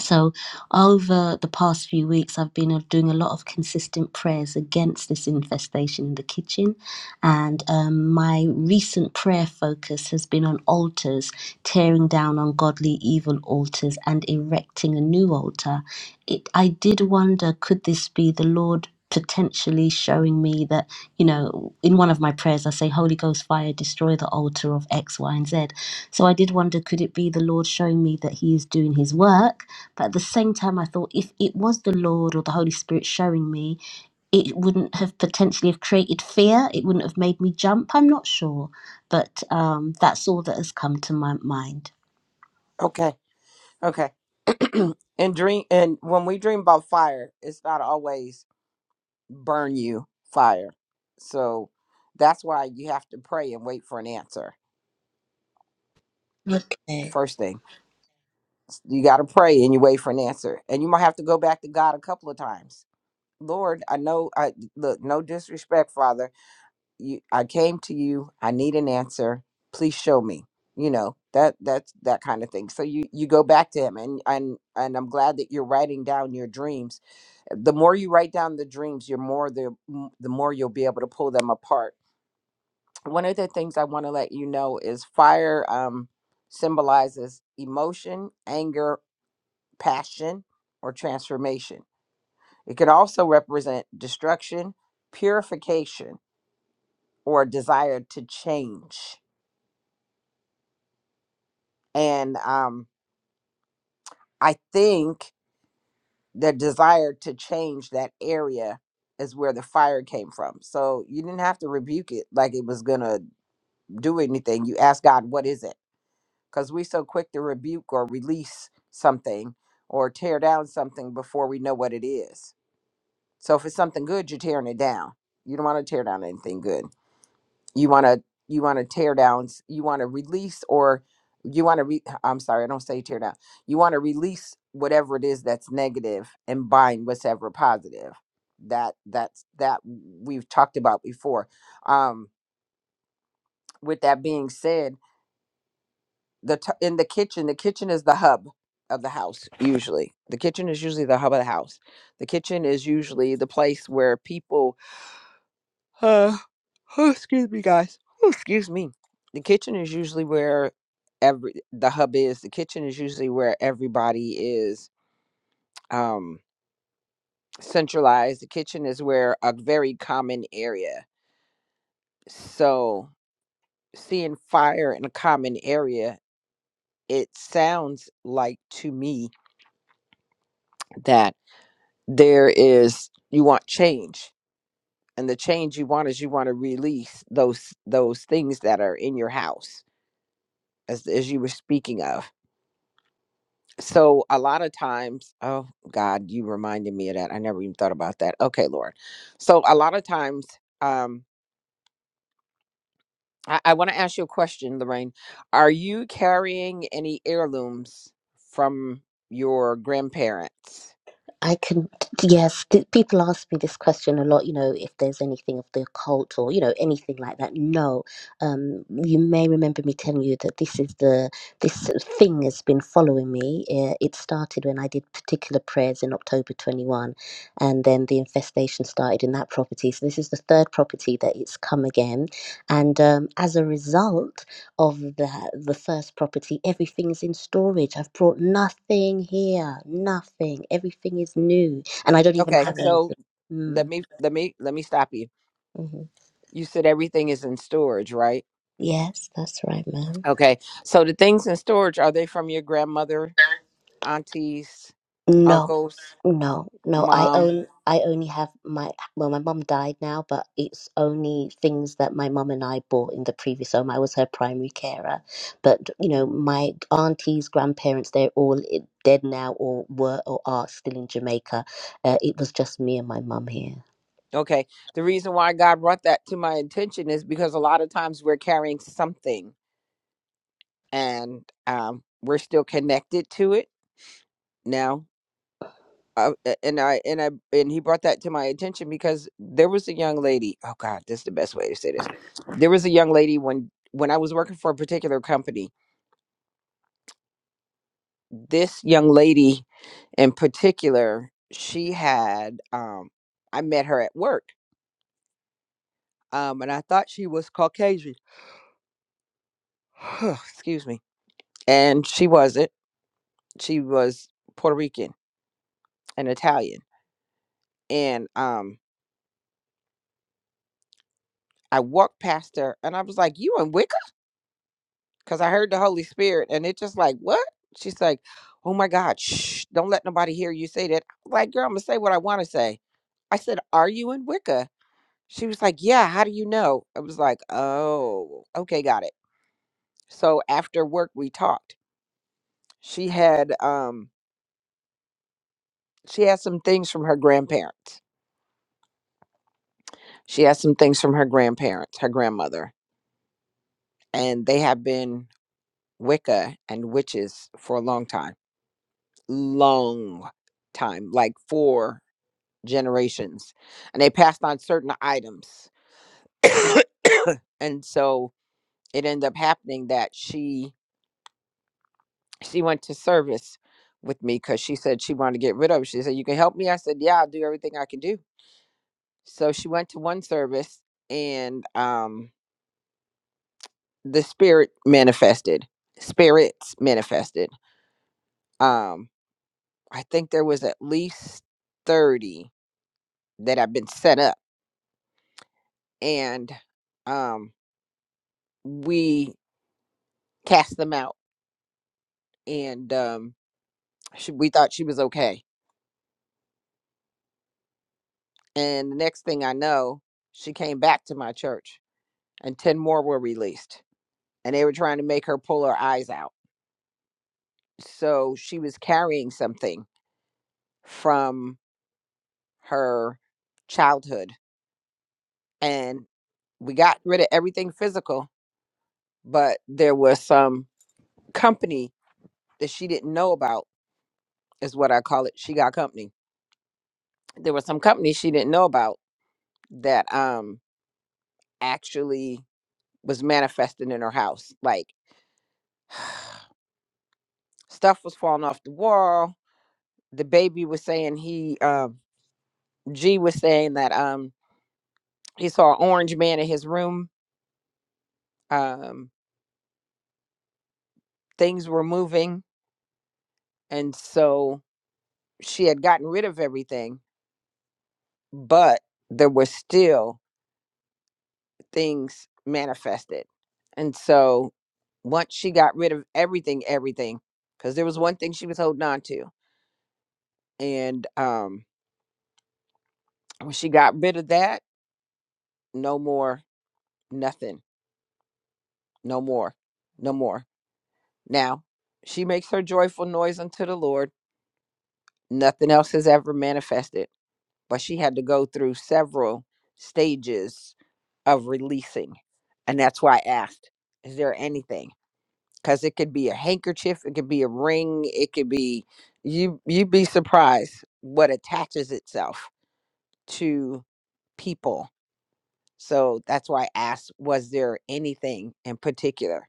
E: so, over the past few weeks, I've been uh, doing a lot of consistent prayers against this infestation in the kitchen. And um, my recent prayer focus has been on altars, tearing down ungodly, evil altars, and erecting a new altar. It, I did wonder could this be the Lord? Potentially showing me that, you know, in one of my prayers, I say, Holy Ghost fire, destroy the altar of X, Y, and Z. So I did wonder could it be the Lord showing me that He is doing His work but at the same time, I thought if it was the Lord or the Holy Spirit showing me, it wouldn't have potentially have created fear. It wouldn't have made me jump. I'm not sure, but um, that's all that has come to my mind.
D: Okay, okay. and dream, and when we dream about fire, it's not always burn you fire. So that's why you have to pray and wait for an answer.
E: Okay.
D: First thing, you got to pray and you wait for an answer, and you might have to go back to God a couple of times. Lord, I know I look, no disrespect, Father. You I came to you, I need an answer. Please show me. You know, that that's that kind of thing. So you you go back to him and and and I'm glad that you're writing down your dreams. The more you write down the dreams, you're more the the more you'll be able to pull them apart. One of the things I want to let you know is fire um symbolizes emotion, anger, passion, or transformation it could also represent destruction, purification, or a desire to change. And um, I think the desire to change that area is where the fire came from. So you didn't have to rebuke it like it was going to do anything. You ask God, what is it? Because we so quick to rebuke or release something or tear down something before we know what it is. So if it's something good, you're tearing it down. You don't want to tear down anything good. you want to you want to tear downs you want to release or you want to re- i'm sorry i don't say tear down you want to release whatever it is that's negative and bind whatever positive that that's that we've talked about before um with that being said the t- in the kitchen the kitchen is the hub of the house usually the kitchen is usually the hub of the house the kitchen is usually the place where people Uh, oh, excuse me, guys. Oh, excuse me. The kitchen is usually where every the hub is. The kitchen is usually where everybody is um centralized. The kitchen is where a very common area. So seeing fire in a common area, it sounds like to me that there is you want change. And the change you want is you want to release those those things that are in your house as as you were speaking of so a lot of times oh god you reminded me of that i never even thought about that okay lord so a lot of times um i, I want to ask you a question lorraine are you carrying any heirlooms from your grandparents
E: I can, yes, th- people ask me this question a lot, you know, if there's anything of the occult or, you know, anything like that. No. Um, you may remember me telling you that this is the, this thing has been following me. Uh, It started when I did particular prayers in October 21, and then the infestation started in that property. So this is the third property that it's come again. And um, as a result, of the the first property everything's in storage i've brought nothing here nothing everything is new and i don't even
D: okay
E: have Okay.
D: so
E: anything
D: let
E: mm.
D: me let me let me stop you
E: hmm
D: you said everything is in storage right
E: yes that's right ma'am
D: Okay. So the things in storage, are they from your grandmother, aunties,
E: no
D: uncles,
E: No, no, I
D: mom?
E: own I only have my well, my mum died now, but it's only things that my mum and I bought in the previous home. I was her primary carer, but you know, my aunties, grandparents, they're all i- dead now or were or are still in Jamaica. Uh, it was just me and my mum here.
D: Okay. The reason why God brought that to my attention is because a lot of times we're carrying something and um, we're still connected to it now. Uh, a- and I and I and he brought that to my attention because there was a young lady. Oh God, this is the best way to say this. There was a young lady when when I was working for a particular company this young lady in particular, she had um I met her at work. Um and I thought she was Caucasian. Excuse me. And she wasn't. She was Puerto Rican and Italian. And um I walked past her and I was like, "You in Wicca?" cuz I heard the Holy Spirit and it just like, "What?" She's like, "Oh my god, shh, don't let nobody hear you say that." I'm like, "Girl, I'm going to say what I want to say." I said, "Are you in Wicca?" She was like, Yeah, how do you know? I was like, Oh, okay, got it. So after work we talked. She had um she had some things from her grandparents. She had some things from her grandparents, her grandmother, and they have been Wicca and witches for a long time. Long time, like four generations. And they passed on certain items. and so it ended up happening that she she went to service with me because she said she wanted to get rid of it. She said, You can help me? I said, Yeah, I'll do everything I can do. So she went to one service and um the spirit manifested. Spirits manifested. Um, I think there was at least 30 that have been set up and um we cast them out and um she, we thought she was okay. And the next thing I know, she came back to my church and 10 more were released and they were trying to make her pull her eyes out. So she was carrying something from her childhood. And we got rid of everything physical, but there was some company that she didn't know about, is what I call it. She got company. There was some company she didn't know about that um actually was manifesting in her house. Like stuff was falling off the wall. The baby was saying he um G was saying that um he saw an orange man in his room. Um, things were moving, and so she had gotten rid of everything, but there were still things manifested. And so once she got rid of everything, everything, because there was one thing she was holding on to, and um, when she got rid of that, no more, nothing, no more, no more. Now she makes her joyful noise unto the Lord. Nothing else has ever manifested but she had to go through several stages of releasing. And that's why I asked, is there anything? Because it could be a handkerchief, it could be a ring, it could be you you'd be surprised what attaches itself to people. So that's why I asked, was there anything in particular?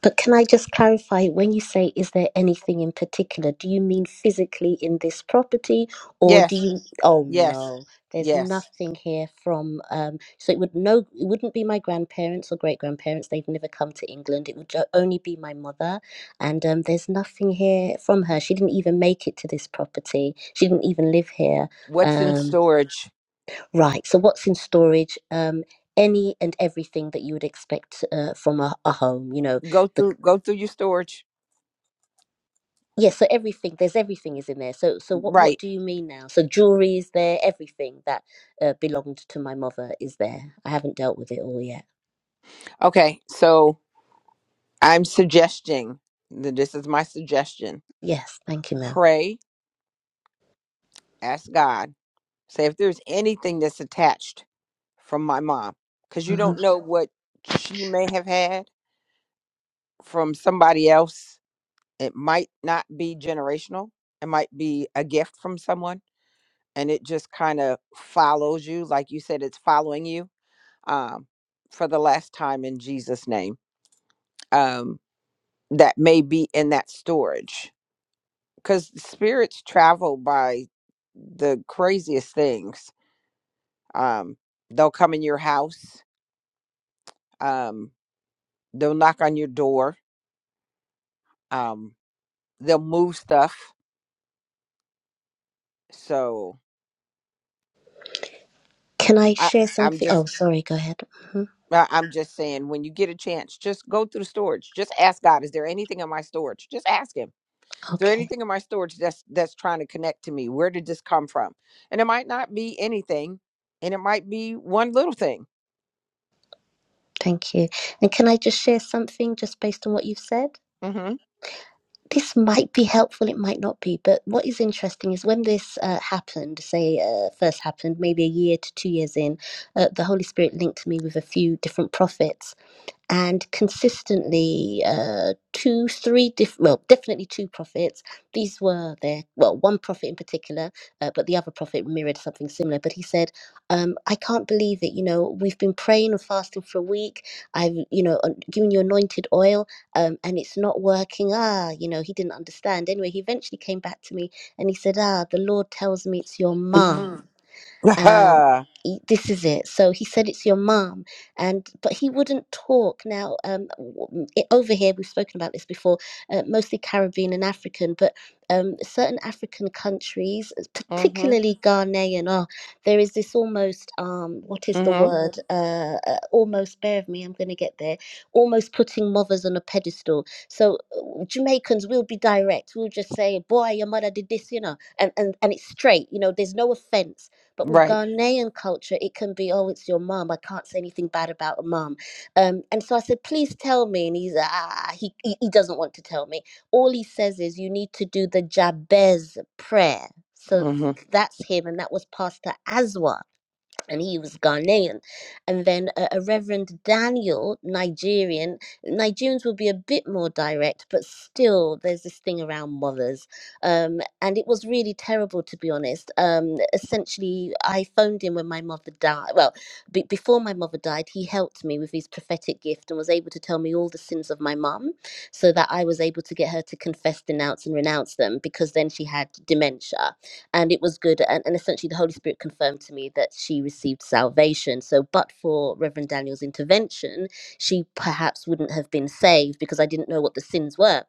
E: But can I just clarify when you say, is there anything in particular? Do you mean physically in this property or do
D: Yes,
E: you? Oh
D: yes,
E: no, there's
D: yes.
E: nothing here from, um, so it would no, it wouldn't be my grandparents or great grandparents. They've never come to England. It would jo- only be my mother. And um, there's nothing here from her. She didn't even make it to this property. She didn't even live here.
D: What's in
E: Um,
D: storage?
E: right. So what's in storage? Um, any and everything that you would expect uh, from a, a home, you know,
D: Go
E: the
D: through go through your storage.
E: Yes, so everything there's everything is in there. So so what what
D: Right.
E: do you mean now? So jewelry is there, everything that uh, belonged to my mother is there. I haven't dealt with it all yet.
D: Okay. So I'm suggesting that this is my suggestion.
E: Yes, thank you, madam
D: Pray, ask God, say if there's anything that's attached from my mom, because you
E: hmm
D: don't know what she may have had from somebody else. It might not be generational, it might be a gift from someone, and it just kind of follows you. Like you said, it's following you um, for the last time in Jesus' name. Um, that may be in that storage because spirits travel by the craziest things. Um, they'll come in your house. Um, they'll knock on your door. Um, they'll move stuff. So
E: Can I
D: I,
E: share
D: I'm
E: something? Oh,
D: just,
E: sorry, go ahead. hmm
D: I- I'm just saying, when you get a chance, just go through the storage. Just ask God, is there anything in my storage? Just ask Him, is there
E: Okay,
D: anything in my storage that's that's trying to connect to me? Where did this come from? And it might not be anything, and it might be one little thing.
E: thank you. And can I just share something just based on what you've said?
D: Mm-hmm.
E: This might be helpful, it might not be, but what is interesting is when this uh, happened, say uh, first happened, maybe a year to two years in, uh, the Holy Spirit linked me with a few different prophets and consistently uh, two, three, diff- well, definitely two prophets. These were their, well, one prophet in particular, uh, but the other prophet mirrored something similar. But he said, um, I can't believe it. You know, we've been praying and fasting for a week. I've, you know, uh, given you anointed oil um, and it's not working. Ah, you know, he didn't understand. Anyway, he eventually came back to me and he said, Ah, the Lord tells me it's your mom um,
D: mm-hmm.
E: y- this is it. So he said, it's your mom. And, but he wouldn't talk. Now, um, w- i- over here, we've spoken about this before, uh, mostly Caribbean and African, but um, certain African countries, uh, particularly Ghanaian, oh, there is this almost, um, what is the
D: Mm-hmm.
E: word? Uh, uh, almost, bear with me, I'm going to get there. Almost putting mothers on a pedestal. So uh, Jamaicans will be direct. We'll just say, boy, your mother did this, you know, and, and, and it's straight, you know, there's no offense but with
D: Right.
E: Ghanaian culture, it can be, oh, it's your mum. I can't say anything bad about a mum. Um, and so I said, please tell me. And he's, ah, he, he, he doesn't want to tell me. All he says is, you need to do the Jabez prayer. So
D: Mm-hmm.
E: th- that's him. And that was Pastor Aswa and he was Ghanaian. And then a, a Reverend Daniel, Nigerian. Nigerians will be a bit more direct, but still, there's this thing around mothers. Um, and it was really terrible, to be honest. Um, essentially, I phoned him when my mother died. Well, be before my mother died, he helped me with his prophetic gift and was able to tell me all the sins of my mum so that I was able to get her to confess, denounce, and renounce them because then she had dementia and it was good and, and essentially the holy spirit confirmed to me that she received salvation so but for reverend daniel's intervention she perhaps wouldn't have been saved because i didn't know what the sins were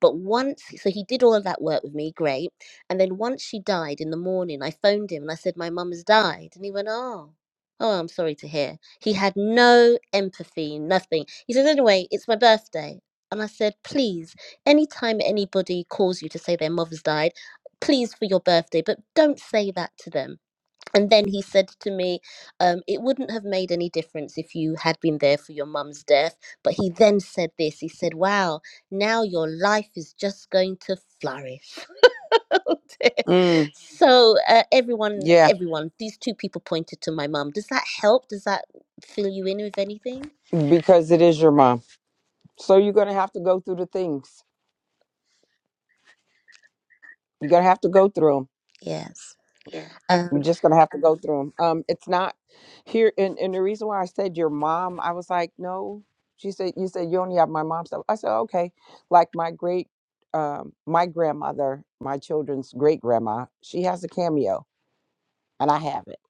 E: but once so he did all of that work with me great and then once she died in the morning i phoned him and i said my mum has died and he went oh Oh, I'm sorry to hear. He had no empathy, nothing. He said, Anyway, it's my birthday. And I said, Please, anytime anybody calls you to say their mother's died, please for your birthday, but don't say that to them. And then he said to me, um, it wouldn't have made any difference if you had been there for your mum's death. But he then said this he said, wow, now your life is just going to flourish. Oh dear.
D: Mm.
E: so uh, everyone,
D: Yeah,
E: everyone, these two people pointed to my mum. Does that help? Does that fill you in with anything?
D: because it is your mom. So you're gonna have to go through the things. You're gonna have to go through them.
E: Yes. Um,
D: You're just gonna have to go through them. Um, it's not here, and and the reason why I said your mom, I was like, no. She said, you said you only have my mom's stuff. I said, okay. Like my great, um, my grandmother, my children's great grandma, she has a cameo, and I have it,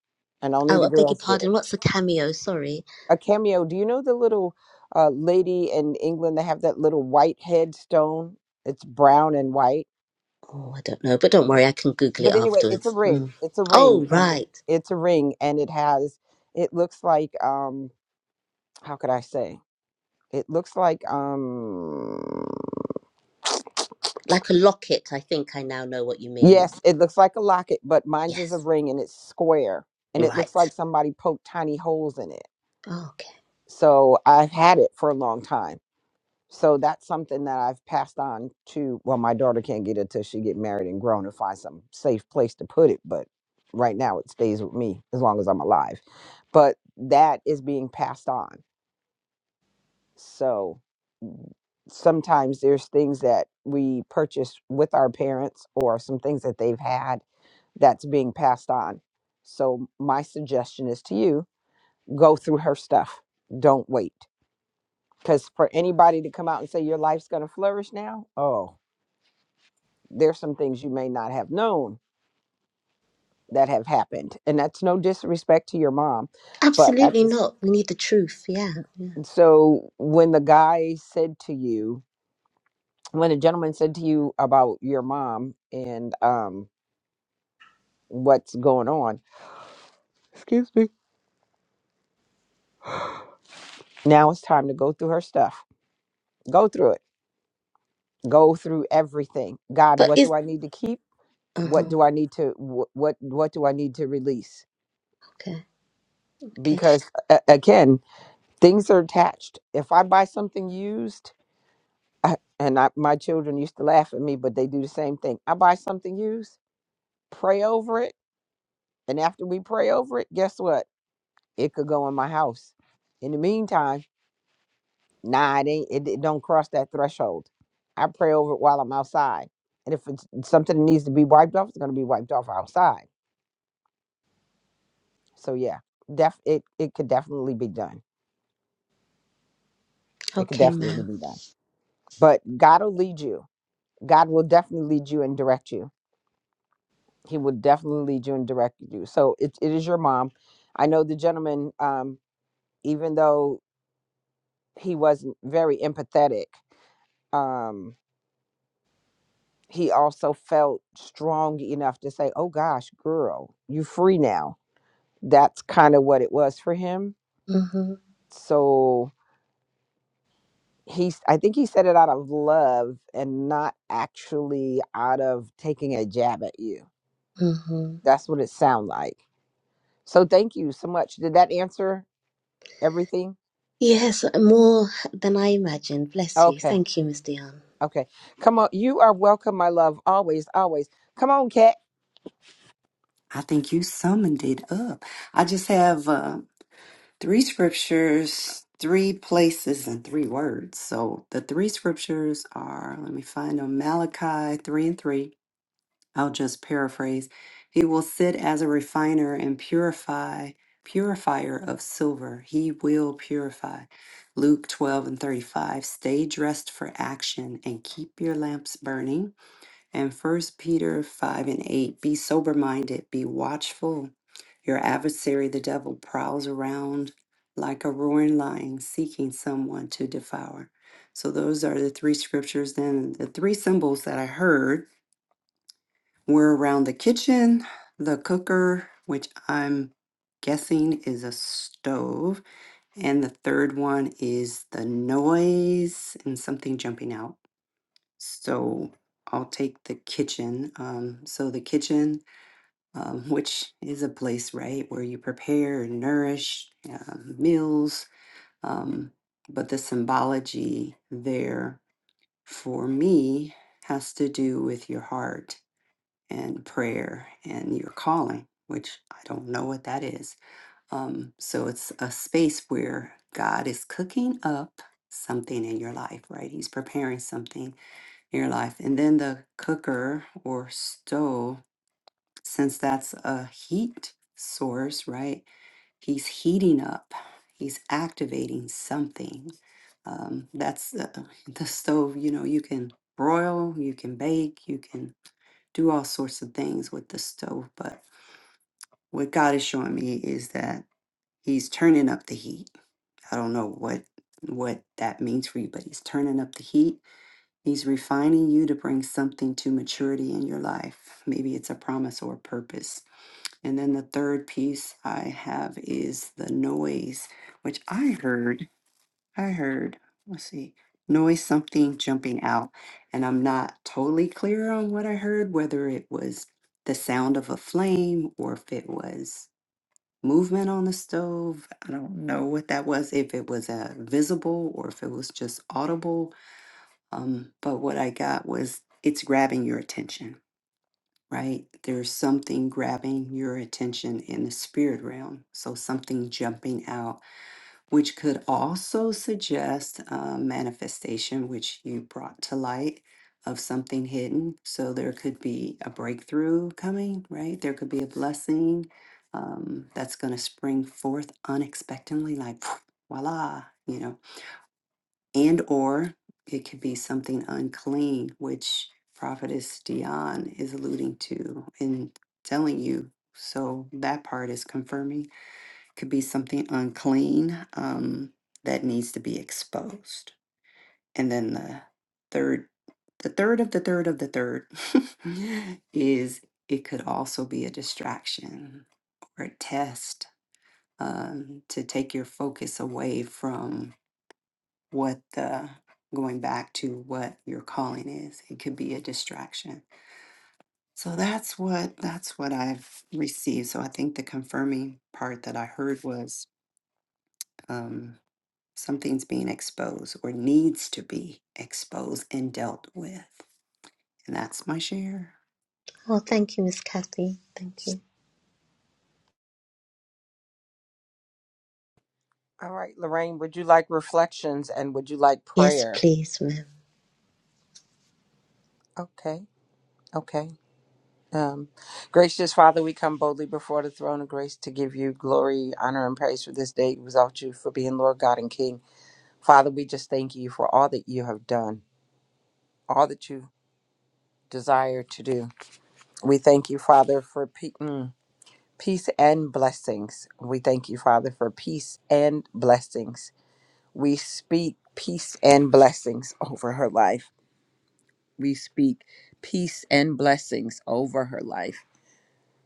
D: and only
E: oh,
D: the
E: I beg your
D: girls get it.
E: pardon. What's a cameo? Sorry.
D: a cameo. Do you know the little uh, lady in England that have that little white headstone? It's brown and white.
E: Oh, I don't know, but don't worry, I can Google it
D: But anyway, it's a
E: afterwards.
D: ring.
E: Mm.
D: It's a
E: Oh,
D: ring, and the-
E: right.
D: it's a ring, and it has. It looks like um. How could I say? It looks like um.
E: Like a locket, I think I now know what you mean.
D: Yes, it looks like a locket, but mine's is a
E: Yes,
D: ring, and it's square, and
E: you're
D: it looks
E: right.
D: like somebody poked tiny holes in it.
E: Oh, okay.
D: So I've had it for a long time So that's something that I've passed on to. Well, my daughter can't get it till she get married and grown and find some safe place to put it. But right now, it stays with me as long as I'm alive. But that is being passed on. So sometimes there's things that we purchase with our parents or some things that they've had that's being passed on. So my suggestion is to you: go through her stuff. Don't wait, because for anybody to come out and say your life's going to flourish now, oh. there's some things you may not have known that have happened and that's no disrespect to your mom but at
E: Absolutely
D: this
E: not. We need the truth. Yeah. yeah.
D: so when the guy said to you when the gentleman said to you about your mom and um what's going on excuse me now it's time to go through her stuff go through it go through everything god
E: But
D: what
E: is.
D: do i need to keep
E: Uh
D: what
E: huh.
D: do i need to wh- what what do i need to release
E: Okay. Okay.
D: because uh, again things are attached if i buy something used I, and I, my children used to laugh at me, but they do the same thing. I buy something used, pray over it, and after we pray over it, guess what? It could go in my house. In the meantime, nah, it ain't. It, it don't cross that threshold. I pray over it while I'm outside, and if it's something that needs to be wiped off, it's going to be wiped off outside. So yeah, def it it could definitely be done. It could
E: Okay,
D: definitely
E: ma'am.
D: be done. But God will lead you. God will definitely lead you and direct you he would definitely lead you and direct you. So it, it is your mom. I know the gentleman, um, even though he wasn't very empathetic, um, he also felt strong enough to say, Oh gosh, girl, you free now. That's kind of what it was for him.
E: Mm hmm.
D: So he's I think he said it out of love and not actually out of taking a jab at you.
E: Mm hmm.
D: That's what it sounded like. So thank you so much. Did that answer everything?
E: Yes, more than I imagined. Bless you.
D: Okay.
E: Thank you, Miss Dion.
D: Okay. Come on. You are welcome, my love. Always, always. Come on, Kat.
B: I think you summoned it up. I just have uh, three scriptures, three places, and three words. So the three scriptures are, let me find them Malachi 3 and 3. I'll just paraphrase. He will sit as a refiner and purify, purifier of silver. He will purify. Luke 12 and 35. Stay dressed for action and keep your lamps burning. And First Peter 5 and 8. Be sober minded, be watchful. Your adversary, the devil, prowls around like a roaring lion seeking someone to devour. So, those are the three scriptures. Then, the three symbols that I heard we're around the kitchen, the cooker, which I'm guessing is a stove, and the third one is the noise and something jumping out. So I'll take the kitchen. Um, so the kitchen, um, which is a place, right, where you prepare and nourish uh, meals, um, but the symbology there for me has to do with your heart and prayer and your calling, which I don't know what that is. Um, so it's a space where God is cooking up something in your life, right? He's preparing something in your life. And then the cooker or stove, since that's a heat source, right? he's heating up he's activating something um, that's uh, the stove you know you can broil you can bake you can do all sorts of things with the stove but what god is showing me is that he's turning up the heat i don't know what what that means for you but he's turning up the heat he's refining you to bring something to maturity in your life maybe it's a promise or a purpose and then the third piece I have is the noise, which I heard. I heard, let's see, noise something jumping out. And I'm not totally clear on what I heard, whether it was the sound of a flame or if it was movement on the stove. I don't know what that was, if it was a visible or if it was just audible. Um, but what I got was it's grabbing your attention right? There's something grabbing your attention in the spirit realm. So something jumping out, which could also suggest um, manifestation, which you brought to light of something hidden. So there could be a breakthrough coming, right? There could be a blessing um, that's going to spring forth unexpectedly, like voila, you know and or it could be something unclean which prophetess dion is alluding to and telling you so that part is confirming could be something unclean um, that needs to be exposed and then the third the third of the third of the third is it could also be a distraction or a test um, to take your focus away from what the going back to what your calling is it could be a distraction so that's what that's what i've received so i think the confirming part that i heard was um, something's being exposed or needs to be exposed and dealt with and that's my share
E: Oh, thank you, Miss Kathy. Thank you.
D: All right, Lorraine, would you like reflections and would you like
E: Yes,
D: prayer?
E: please, ma'am.
D: Okay. Okay. Um, gracious Father, we come boldly before the throne of grace to give you glory, honor, and praise for this day. Without you for being Lord God and King. Father, we just thank you for all that you have done, all that you desire to do. We thank you, Father, for pe- mm, peace and blessings. We thank you, Father, for peace and blessings. We speak peace and blessings over her life. We speak peace and blessings over her life.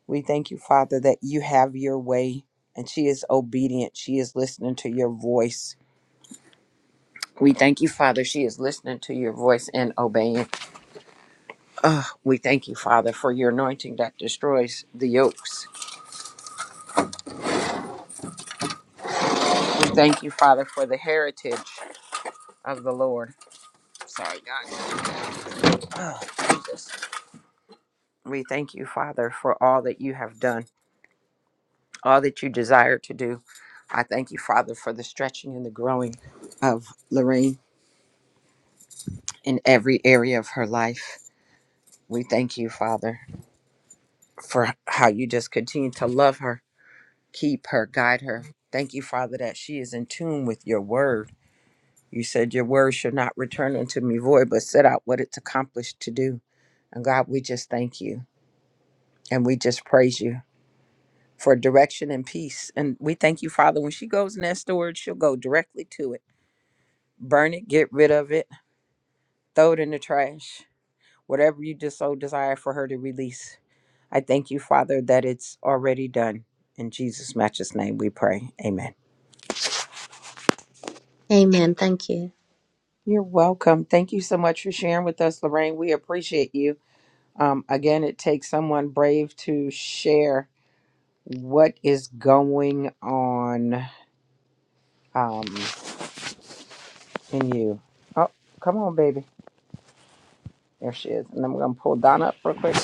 D: We thank you, Father, that you have your way and she is obedient. She is listening to your voice. We thank you, Father. She is listening to your voice and obeying. Ah, we thank you, Father, for your anointing that destroys the yokes. We thank you, Father, for the heritage of the Lord. Sorry, God. Ah, Jesus. We thank you, Father, for all that you have done. all that you desire to do. I thank you, Father, for the stretching and the growing of Lorraine in every area of her life. We thank you, Father, for how you just continue to love her, keep her, guide her. Thank you, Father, that she is in tune with your word. You said your word should not return unto me void, but set out what it's accomplished to do. And God, we just thank you and we just praise you for direction and peace. And we thank you, Father, when she goes in that storage, she'll go directly to it burn it, get rid of it, throw it in the trash, whatever you just so desire for her to release. I thank you, Father, that it's already done. In Jesus' matchless name we pray. Amen.
E: Amen. Thank you.
D: You're welcome. Thank you so much for sharing with us, Lorraine. We appreciate you. Um, again, it takes someone brave to share what is going on um, in you. Oh, come on, baby. There she is. And I'm going to pull Donna up real quick.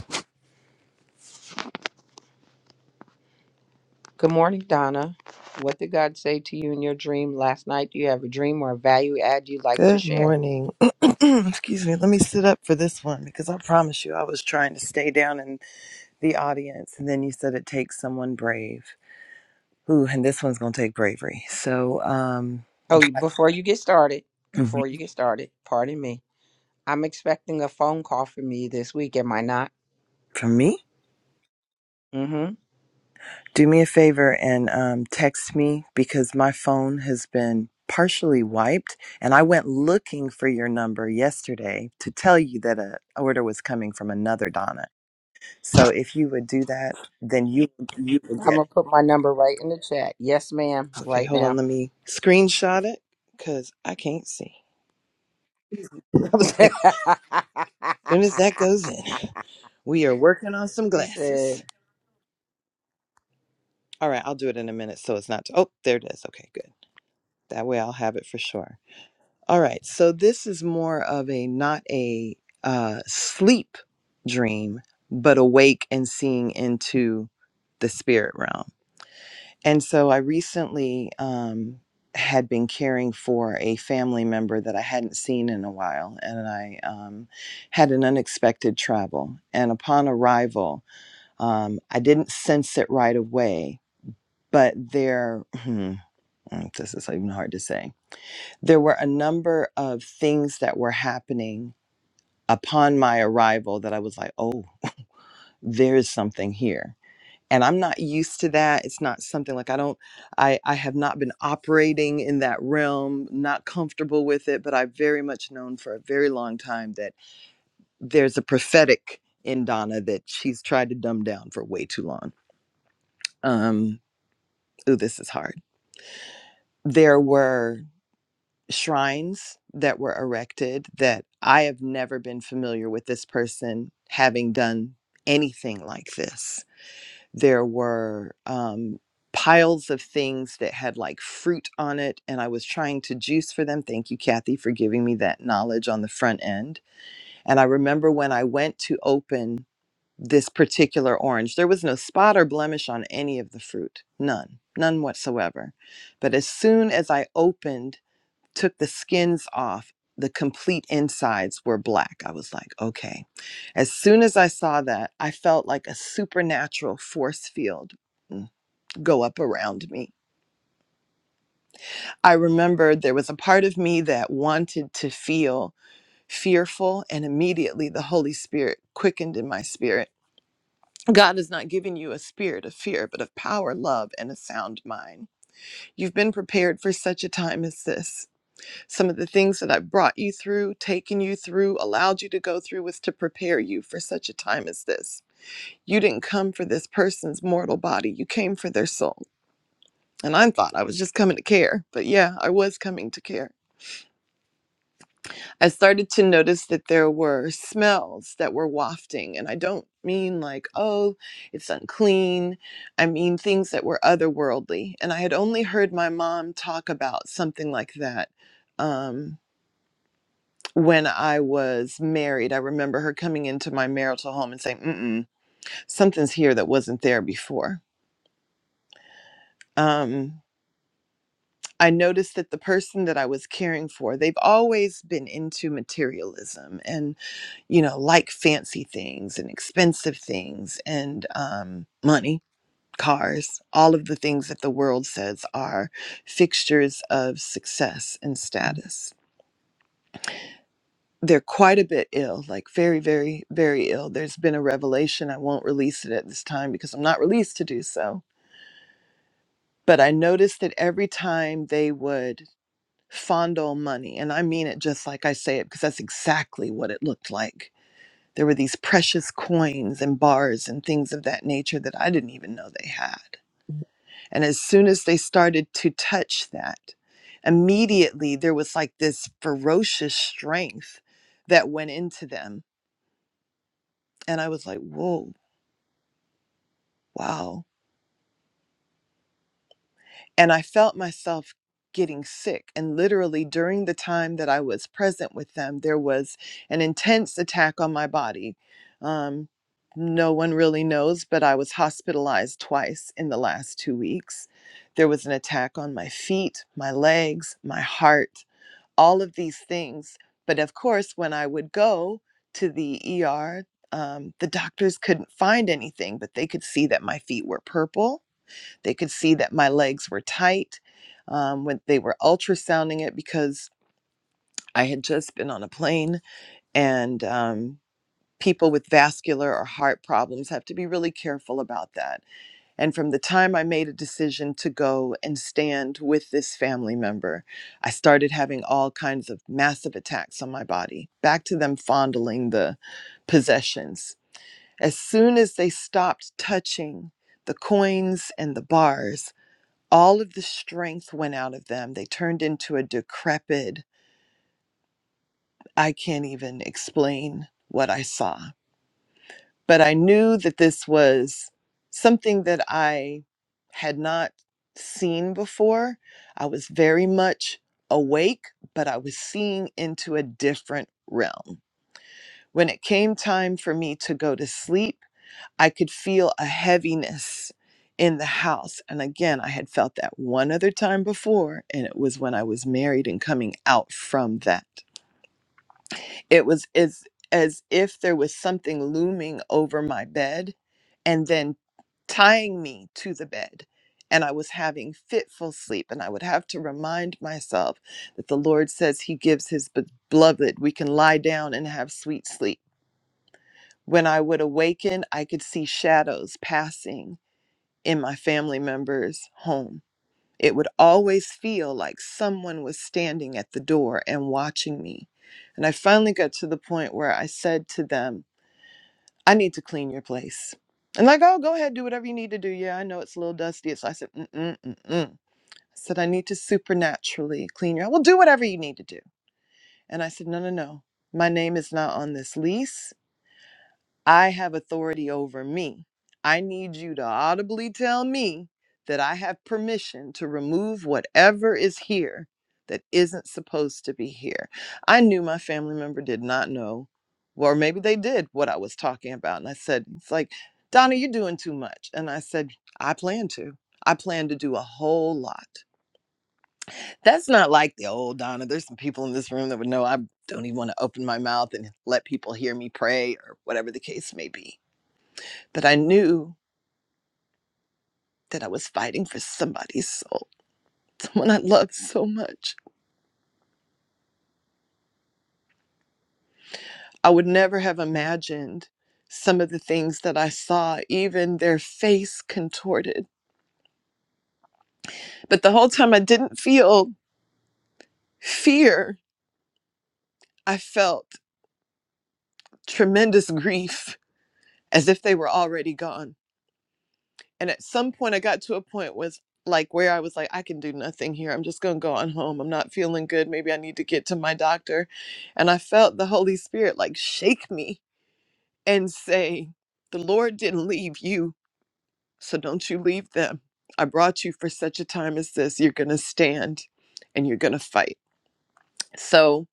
D: Good morning, Donna. What did God say to you in your dream last night? Do you have a dream or a value add you'd like to
F: Good
D: share?
F: morning. Excuse me. Let me sit up for this one because I promise you I was trying to stay down in the audience and then you said it takes someone brave. Ooh, and this one's going to take bravery. So, um
D: Oh, you- before you get started,
F: mhm.
D: before you get started, pardon me. I'm expecting a phone call from you this week, am I not?
F: for me,
D: Mm-hmm.
F: do me a favor and um text me because my phone has been partially wiped and I went looking for your number yesterday to tell you that a order was coming from another Donna. So, if you would do that, then you you will get
D: I'm gonna put my number right in the chat. Yes, ma'am,
F: Okay,
D: right
F: hold on.
D: now.
F: Let me screenshot it because I can't see. I was like, as soon as that goes in, we are working on some
D: she said
F: glasses. All right, I'll do it in a minute so it's not. oh, there it is. Okay, good. That way I'll have it for sure. All right, so this is more of a not a uh, sleep dream, but awake and seeing into the spirit realm. And so I recently um, had been caring for a family member that I hadn't seen in a while, and I um, had an unexpected travel. And upon arrival, um, I didn't sense it right away, but there, hmm, mm, this is even hard to say, there were a number of things that were happening upon my arrival that I was like, oh, there's something here and i'm not used to that it's not something like i don't i i have not been operating in that realm not comfortable with it but i've very much known for a very long time that there's a prophetic in donna that she's tried to dumb down for way too long um ooh this is hard there were shrines that were erected that i have never been familiar with this person having done anything like this there were um, piles of things that had like fruit on it and i was trying to juice for them thank you kathy for giving me that knowledge on the front end and i remember when i went to open this particular orange there was no spot or blemish on any of the fruit none none whatsoever but as soon as i opened took the skins off. The complete insides were black. I was like, okay. As soon as I saw that, I felt like a supernatural force field mm, go up around me. I remember there was a part of me that wanted to feel fearful, and immediately the Holy Spirit quickened in my spirit. God has not given you a spirit of fear, but of power, love, and a sound mind. You've been prepared for such a time as this. some of the things that I've brought you through, taken you through, allowed you to go through was to prepare you for such a time as this. You didn't come for this person's mortal body, you came for their soul. And I thought I was just coming to care, but yeah, I was coming to care. I started to notice that there were smells that were wafting, and I don't mean like, oh, it's unclean. I mean things that were otherworldly. And I had only heard my mom talk about something like that. Um, when I was married, I remember her coming into my marital home and saying, Mm-mm, something's here that wasn't there before. Um, I noticed that the person that I was caring for, they've always been into materialism and, you know, like fancy things and expensive things and um, money, cars, all of the things that the world says are fixtures of success and status they're quite a bit ill, like very, very, very ill. There's been a revelation. I won't release it at this time because I'm not released to do so. But I noticed that every time they would fondle money, and I mean it just like I say it because that's exactly what it looked like. There were these precious coins and bars and things of that nature that I didn't even know they had. And as soon as they started to touch that, immediately there was like this ferocious strength that went into them And I was like, whoa, wow. And I felt myself getting sick. And literally during the time that I was present with them, there was an intense attack on my body. Um, no one really knows, but I was hospitalized twice in the last two weeks. There was an attack on my feet, my legs, my heart, all of these things. But of course, when I would go to the ER, um, the doctors couldn't find anything, but they could see that my feet were purple They could see that my legs were tight um, when they were ultrasounding it because I had just been on a plane and um, people with vascular or heart problems have to be really careful about that. And from the time I made a decision to go and stand with this family member, I started having all kinds of massive attacks on my body. Back to them fondling the possessions. As soon as they stopped touching the coins and the bars, all of the strength went out of them. They turned into a decrepit, I can't even explain what I saw. But I knew that this was something that I had not seen before. I was very much awake, but I was seeing into a different realm. When it came time for me to go to sleep, I could feel a heaviness in the house. And again, I had felt that one other time before, and it was when I was married and coming out from that. It was as, as if there was something looming over my bed and then tying me to the bed. And I was having fitful sleep, and I would have to remind myself that the Lord says He gives His beloved, we can lie down and have sweet sleep. When I would awaken, I could see shadows passing in my family member's home. It would always feel like someone was standing at the door and watching me. And I finally got to the point where I said to them, I need to clean your place. And like, oh, go ahead, do whatever you need to do. Yeah, I know it's a little dusty. So I said, mm-mm, mm-mm. I said, I need to supernaturally clean your, well, do whatever you need to do. And I said, no, no, no. My name is not on this lease. I have authority over me. I need you to audibly tell me that I have permission to remove whatever is here that isn't supposed to be here. I knew my family member did not know, or maybe they did what I was talking about. And I said, It's like, Donna, you're doing too much. And I said, I plan to. I plan to do a whole lot. That's not like the old Donna. There's some people in this room that would know I don't even want to open my mouth and let people hear me pray or whatever the case may be but I knew that I was fighting for somebody's soul, someone I loved so much. I would never have imagined some of the things that I saw, even their face contorted. But the whole time I didn't feel fear, I felt tremendous grief as if they were already gone. And at some point I got to a point was like where I was like, I can do nothing here. I'm just gonna go on home. I'm not feeling good. Maybe I need to get to my doctor. And I felt the Holy Spirit like shake me and say, The Lord didn't leave you, so don't you leave them. I brought you for such a time as this. You're going to stand and you're going to fight. So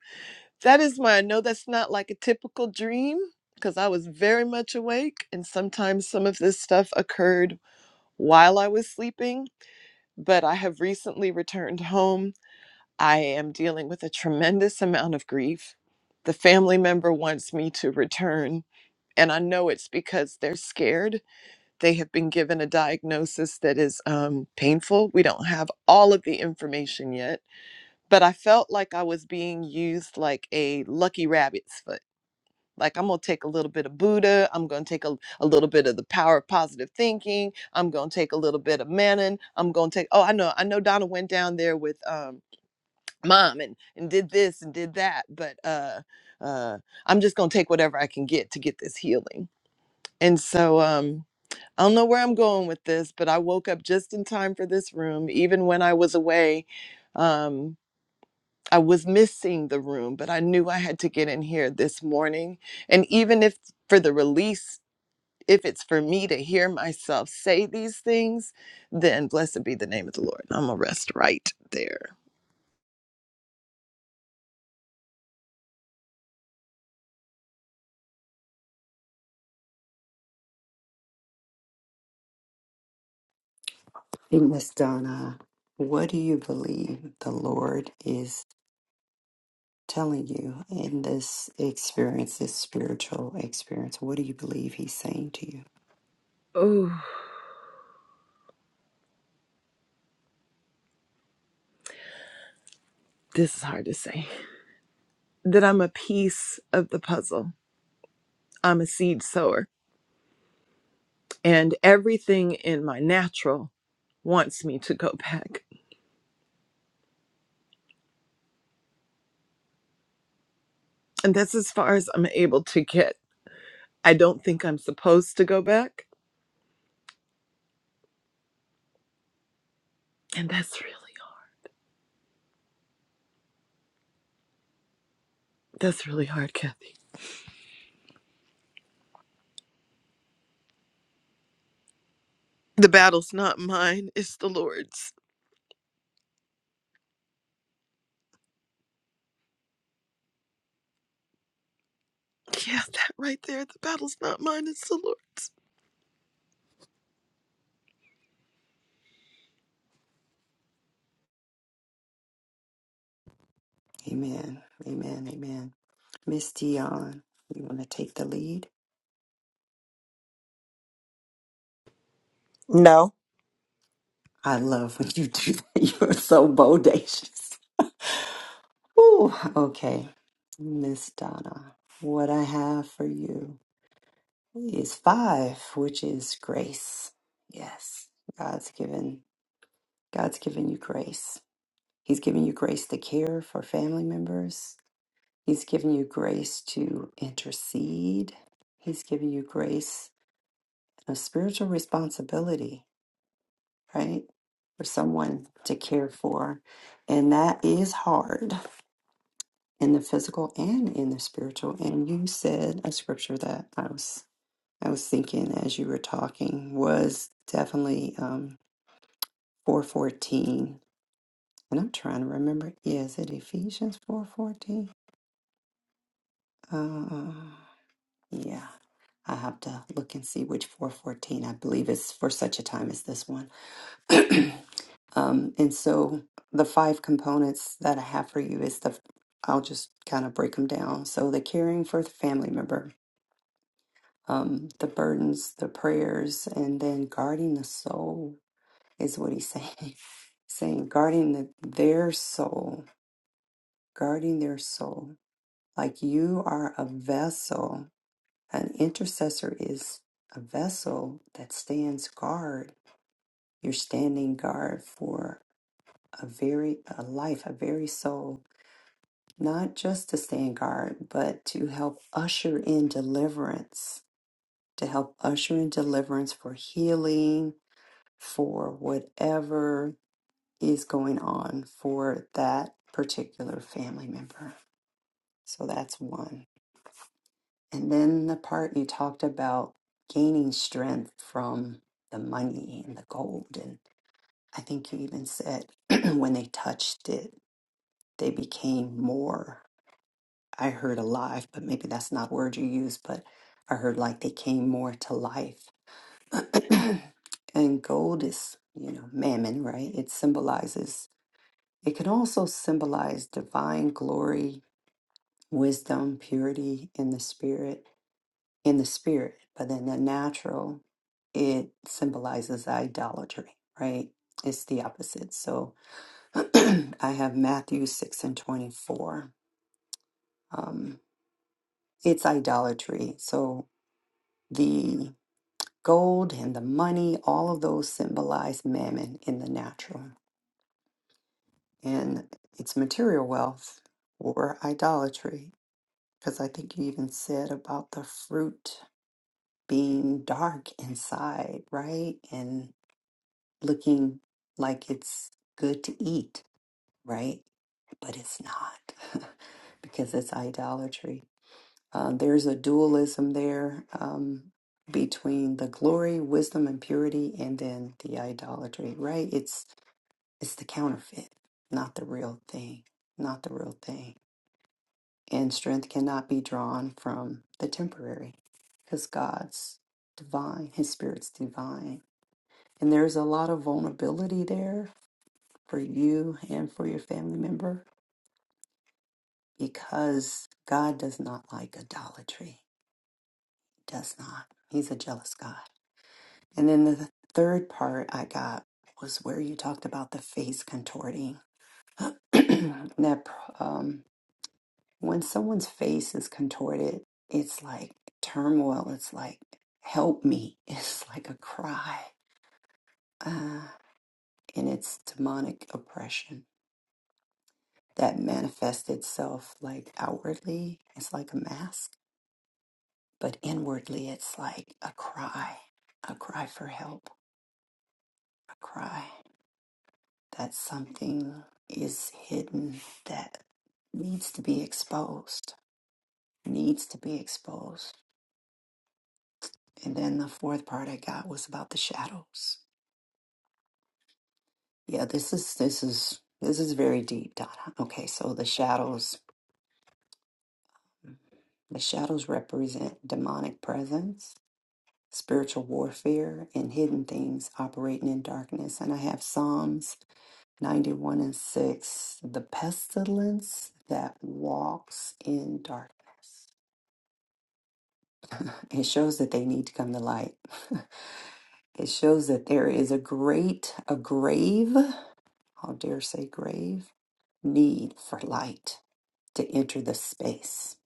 F: that is my, I know that's not like a typical dream because I was very much awake and sometimes some of this stuff occurred while I was sleeping. But I have recently returned home. I am dealing with a tremendous amount of grief. The family member wants me to return, and I know it's because they're scared they have been given a diagnosis that is um, painful. We don't have all of the information yet, but I felt like I was being used like a lucky rabbit's foot. Like, I'm going to take a little bit of Buddha. I'm going to take a, a little bit of the power of positive thinking. I'm going to take a little bit of Manon. I'm going to take, oh, I know, I know Donna went down there with um, mom and, and did this and did that, but uh, uh, I'm just going to take whatever I can get to get this healing. And so, um, I don't know where I'm going with this, but I woke up just in time for this room. Even when I was away, um, I was missing the room, but I knew I had to get in here this morning. And even if for the release, if it's for me to hear myself say these things, then blessed be the name of the Lord. I'm going to rest right there.
B: hey miss donna what do you believe the lord is telling you in this experience, this spiritual experience, what do you believe he's saying to you?
F: Oh, this is hard to say. That I'm a piece of the puzzle. I'm a seed sower, and everything in my natural wants me to go back And that's as far as I'm able to get. I don't think I'm supposed to go back. And that's really that's really hard, Kathy. The battle's not mine, it's the Lord's. Yeah, that right there. The battle's not mine, it's the Lord's.
B: Amen. Amen. Amen. Miss Dion, you want to take the lead?
D: no.
B: I love when you do that. You're so bodacious. Ooh, okay. Miss Donna, what I have for you is five, which is grace. Yes. God's given God's given you grace. He's given you grace to care for family members, He's given you grace to intercede. He's given you grace of spiritual responsibility, right? For someone to care for. And that is hard in the physical and in the spiritual. And you said a scripture that I was I was thinking as you were talking was definitely um four fourteen. And I'm trying to remember. Yeah, is it Ephesians four fourteen? Uh Yeah. I have to look and see which 414. I believe it's for such a time as this one. um, and so the five components that I have for you is the, I'll just kind of break them down. So the caring for the family member, um, the burdens, the prayers, and then guarding the soul is what he's saying. saying guarding the, their soul, guarding their soul. Like you are a vessel An intercessor is a vessel that stands guard. You're standing guard for a very a life, a very soul, not just to stand guard, but to help usher in deliverance, to help usher in deliverance for healing, for whatever is going on for that particular family member. So that's one. And then the part you talked about gaining strength from the money and the gold. And I think you even said when they touched it, they became more. I heard alive, but maybe that's not a word you use, but I heard like they came more to life. and gold is, you know, mammon, right? It symbolizes, it can also symbolize divine glory, wisdom, purity in the spirit. in the spirit, but in the natural, it symbolizes idolatry, right? It's the opposite. So I have Matthew 6 and 24. Um, it's idolatry. So the gold and the money, all of those symbolize mammon in the natural, and it's material wealth or idolatry. Because I think you even said about the fruit being dark inside, right? And looking like it's good to eat, right? But it's not because it's idolatry. Uh, there's a dualism there um, between the glory, wisdom, and purity, and then the idolatry, right? It's it's the counterfeit, not the real thing, not the real thing. And strength cannot be drawn from the temporary, because God's divine, His Spirit's divine, and there's a lot of vulnerability there for you and for your family member because God does not like idolatry. He does not. He's a jealous God. And then the third part I got was where you talked about the face contorting. that um, when someone's face is contorted, it's like turmoil. It's like, help me. It's like a cry. Uh, and it's demonic oppression that manifests itself like outwardly. It's like a mask But inwardly, it's like a cry, a cry for help, a cry that something is hidden that needs to be exposed, needs to be exposed. And then the fourth part I got was about the shadows. Yeah, this is this is this is very deep, Donna. Okay, so the shadows the shadows represent demonic presence, spiritual warfare, and hidden things operating in darkness. And I have Psalms 91 and 6 the pestilence that walks in darkness it shows that they need to come to light it shows that there is a great a grave i'll dare say grave need for light to enter the space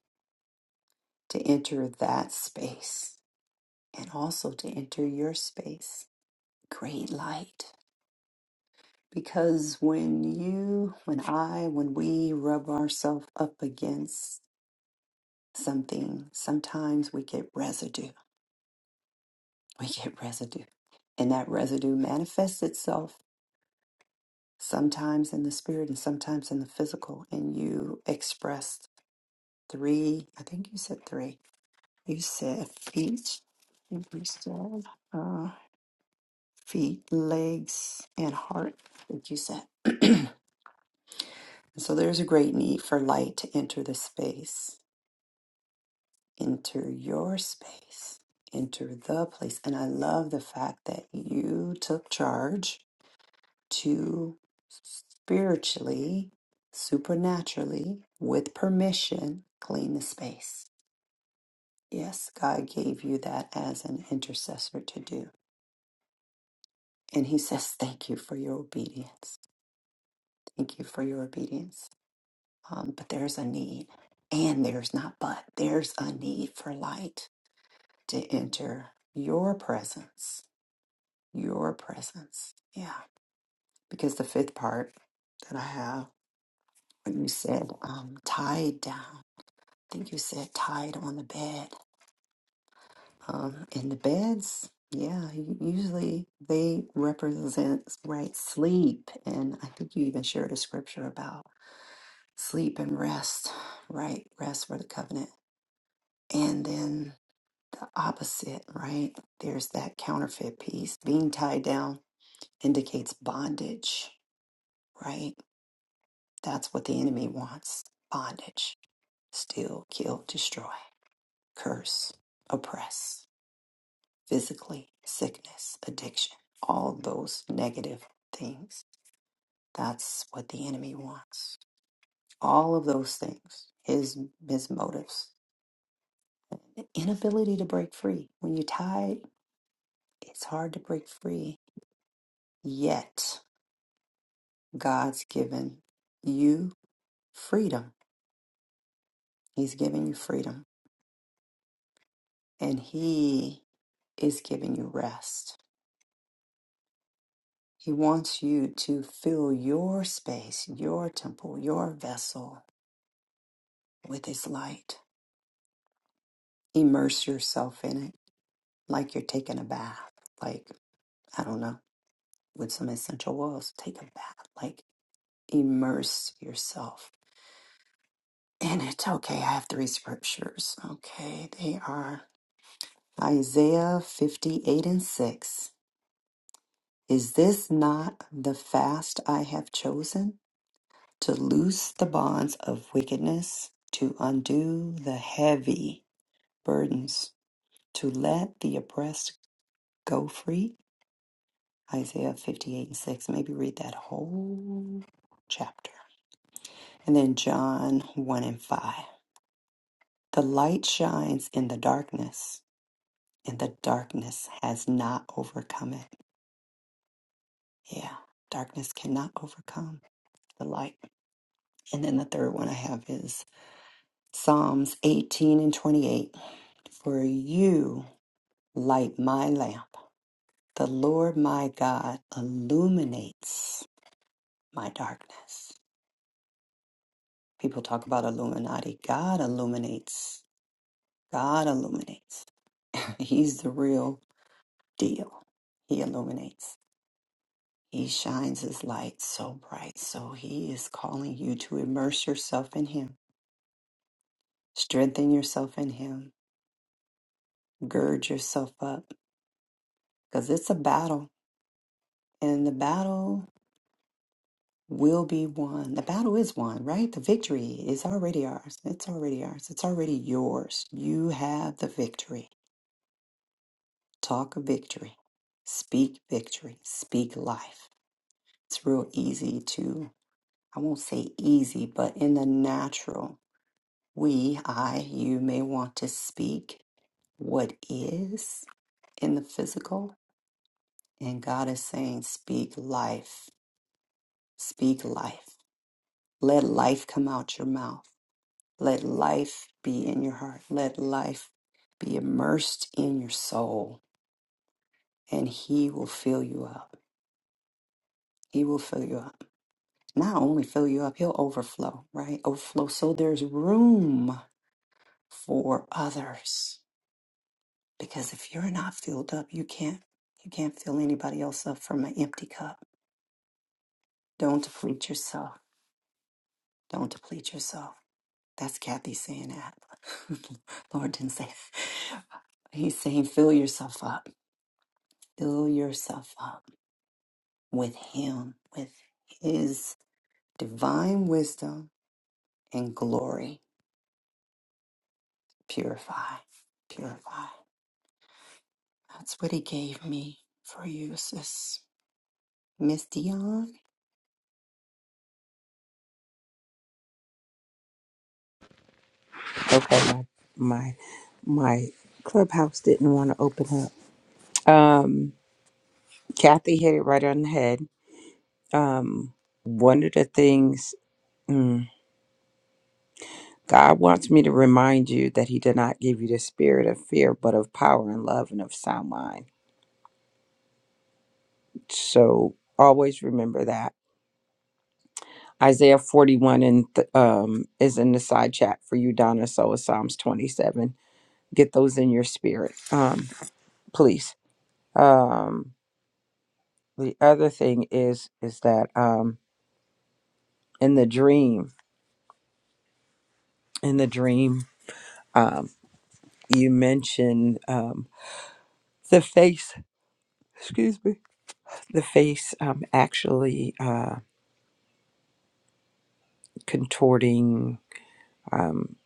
B: to enter that space and also to enter your space great light because when you when i when we rub ourselves up against something, sometimes we get residue. We get residue. And that residue manifests itself sometimes in the spirit and sometimes in the physical. And you expressed three, I think you said three. You said feet, I think you said uh, feet, legs, and heart, I think you said. so there's a great need for light to enter the space enter your space, enter the place. And I love the fact that you took charge to spiritually, supernaturally, with permission, clean the space. Yes, God gave you that as an intercessor to do. And He says, Thank you for your obedience. Thank you for your obedience. Um, but there's a need. And there's not but, there's a need for light to enter your presence your presence. Yeah. Because the fifth part that I have, when you said um, tied down, I think you said tied on the bed. Um, and the beds, yeah, u- usually they represent, right, sleep. And I think you even shared a scripture about sleep and rest, right? Rest for the covenant. And then the opposite, right? There's that counterfeit piece. Being tied down indicates bondage, right? That's what the enemy wants bondage, steal, kill, destroy, curse, oppress, physically, sickness, addiction, all those negative things. That's what the enemy wants. All of those things, his, his motives. The inability to break free. When you're tied, it's hard to break free. Yet, God's given you freedom. He's giving you freedom, and He is giving you rest He wants you to fill your space, your temple, your vessel with His light. Immerse yourself in it like you're taking a bath, like, I don't know, with some essential oils. Take a bath, like, immerse yourself in it. Okay, I have three scriptures. Okay, they are Isaiah 58 and 6. Is this not the fast I have chosen? to loose the bonds of wickedness, to undo the heavy burdens, to let the oppressed go free. Isaiah 58 and 6. Maybe read that whole chapter. And then John 1 and 5. The light shines in the darkness, and the darkness has not overcome it. Yeah, darkness cannot overcome the light. And then the third one I have is Psalms 18 and 28. For you light my lamp. The Lord my God illuminates my darkness. People talk about Illuminati. God illuminates. God illuminates. He's the real deal. He illuminates. He shines his light so bright. So he is calling you to immerse yourself in him, strengthen yourself in him, gird yourself up, because it's a battle. And the battle will be won. The battle is won, right? The victory is already ours. It's already ours. It's already yours. You have the victory. Talk of victory. Speak victory. Speak life. It's real easy to, I won't say easy, but in the natural, we, I, you may want to speak what is in the physical. And God is saying, speak life. Speak life. Let life come out your mouth Let life be in your heart. Let life be immersed in your soul, and He will fill you up. He will fill you up. Not only fill you up, He'll overflow, right? Overflow. So there's room for others. Because if you're not filled up, you can't you can't fill anybody else up from an empty cup. Don't deplete yourself. Don't deplete yourself. That's Kathy saying that. Lord didn't say He's saying fill yourself up Fill yourself up with Him, with His divine wisdom and glory. Purify, purify. That's what He gave me for you, sis. Miss Dion?
D: Okay, my my my clubhouse didn't want to open up. Um Kathy hit it right on the head. Um, one of the things mm, God wants me to remind you that He did not give you the spirit of fear, but of power and love and of sound mind. So always remember that. Isaiah 41 and th- um, is in the side chat for you, Donna. So is Psalms 27. Get those in your spirit, um, please. Um, the other thing is is that um, in the dream, in the dream, um, you mentioned um, the face. Excuse me the face um, actually uh, contorting. Um,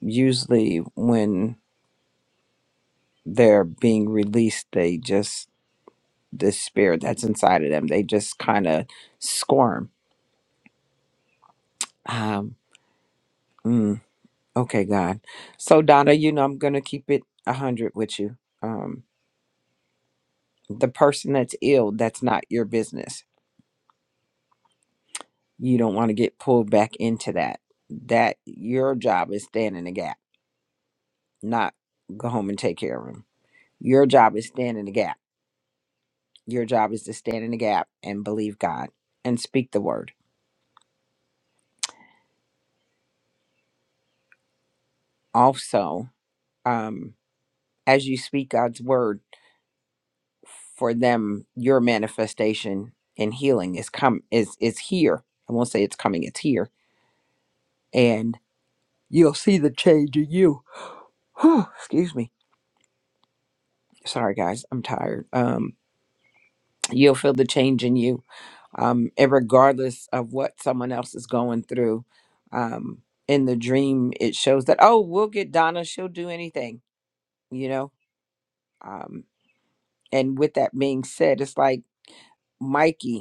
D: usually, when they're being released, they just, the spirit that's inside of them, they just kind of squirm. Um, mm, okay, God. So, Donna, you know, I'm going to keep it 100 with you. Um, the person that's ill, that's not your business. You don't want to get pulled back into that. That your job is stand in the gap, not go home and take care of 'em Your job is stand in the gap. Your job is to stand in the gap and believe God and speak the word. Also, um, as you speak God's word for them, your manifestation and healing is come is is here. I won't say it's coming; it's here, and you'll see the change in you. Excuse me. Sorry, guys. I'm tired. Um, you'll feel the change in you um, and regardless of what someone else is going through. Um, in the dream, it shows that, oh, we'll get Donna, she'll do anything, you know? Um, and with that being said, it's like Mikey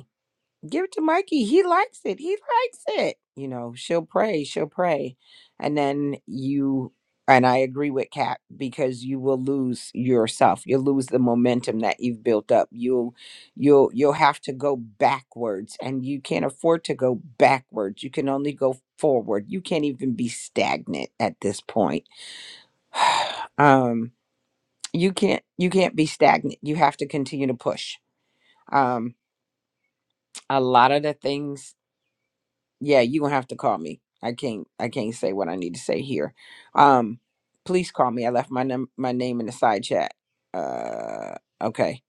D: give it to Mikey. He likes it. He likes it. You know, she'll pray, she'll pray. And then you, and I agree with Kat because you will lose yourself. You'll lose the momentum that you've built up. You'll, you'll, you'll have to go backwards and you can't afford to go backwards. You can only go forward. You can't even be stagnant at this point. Um, you can't, you can't be stagnant. You have to continue to push. Um, a lot of the things yeah, you're gonna have to call me. I can't I can't say what I need to say here. Um please call me. I left my num my name in the side chat. Uh okay.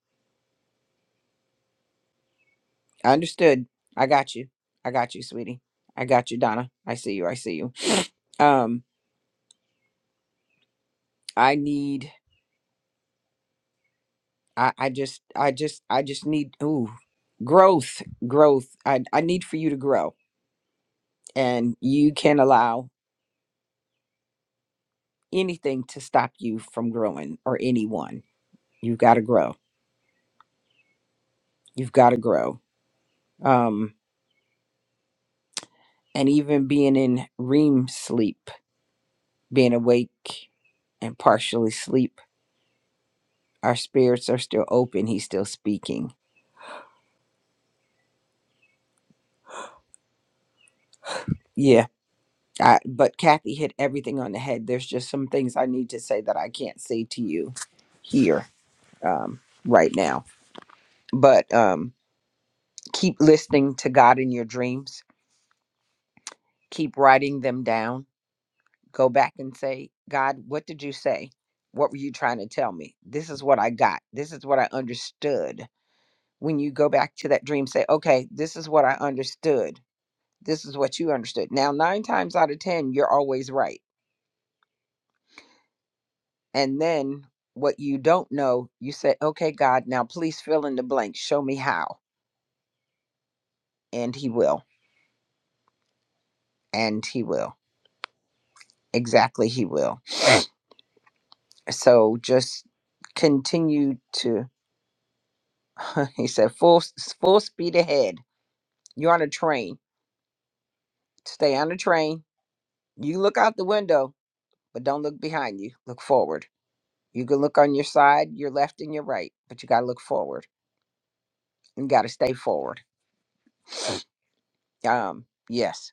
D: I understood. I got you. I got you, sweetie. I got you, Donna. I see you. I see you. Um I need I I just I just I just need ooh growth growth I I need for you to grow and you can't allow anything to stop you from growing or anyone. You've got to grow. You've got to grow um, and even being in REM sleep, being awake and partially sleep, our spirits are still open. He's still speaking. Yeah, I, but Kathy hit everything on the head. There's just some things I need to say that I can't say to you here um, right now. But um, keep listening to God in your dreams. Keep writing them down. Go back and say, God, what did you say? What were you trying to tell me? This is what I got. This is what I understood when you go back to that dream, say, okay, this is what I understood. This is what you understood. Now, nine times out of 10, you're always right. And then what you don't know, you say, okay, God, now please fill in the blank. Show me how. And He will. And He will. Exactly, He will. So just continue to, He said, full, full speed ahead. You're on a train. Stay on the train. You look out the window, but don't look behind you. Look forward You can look on your side, your left, and your right, but you got to look forward. You got to stay forward. Um, yes.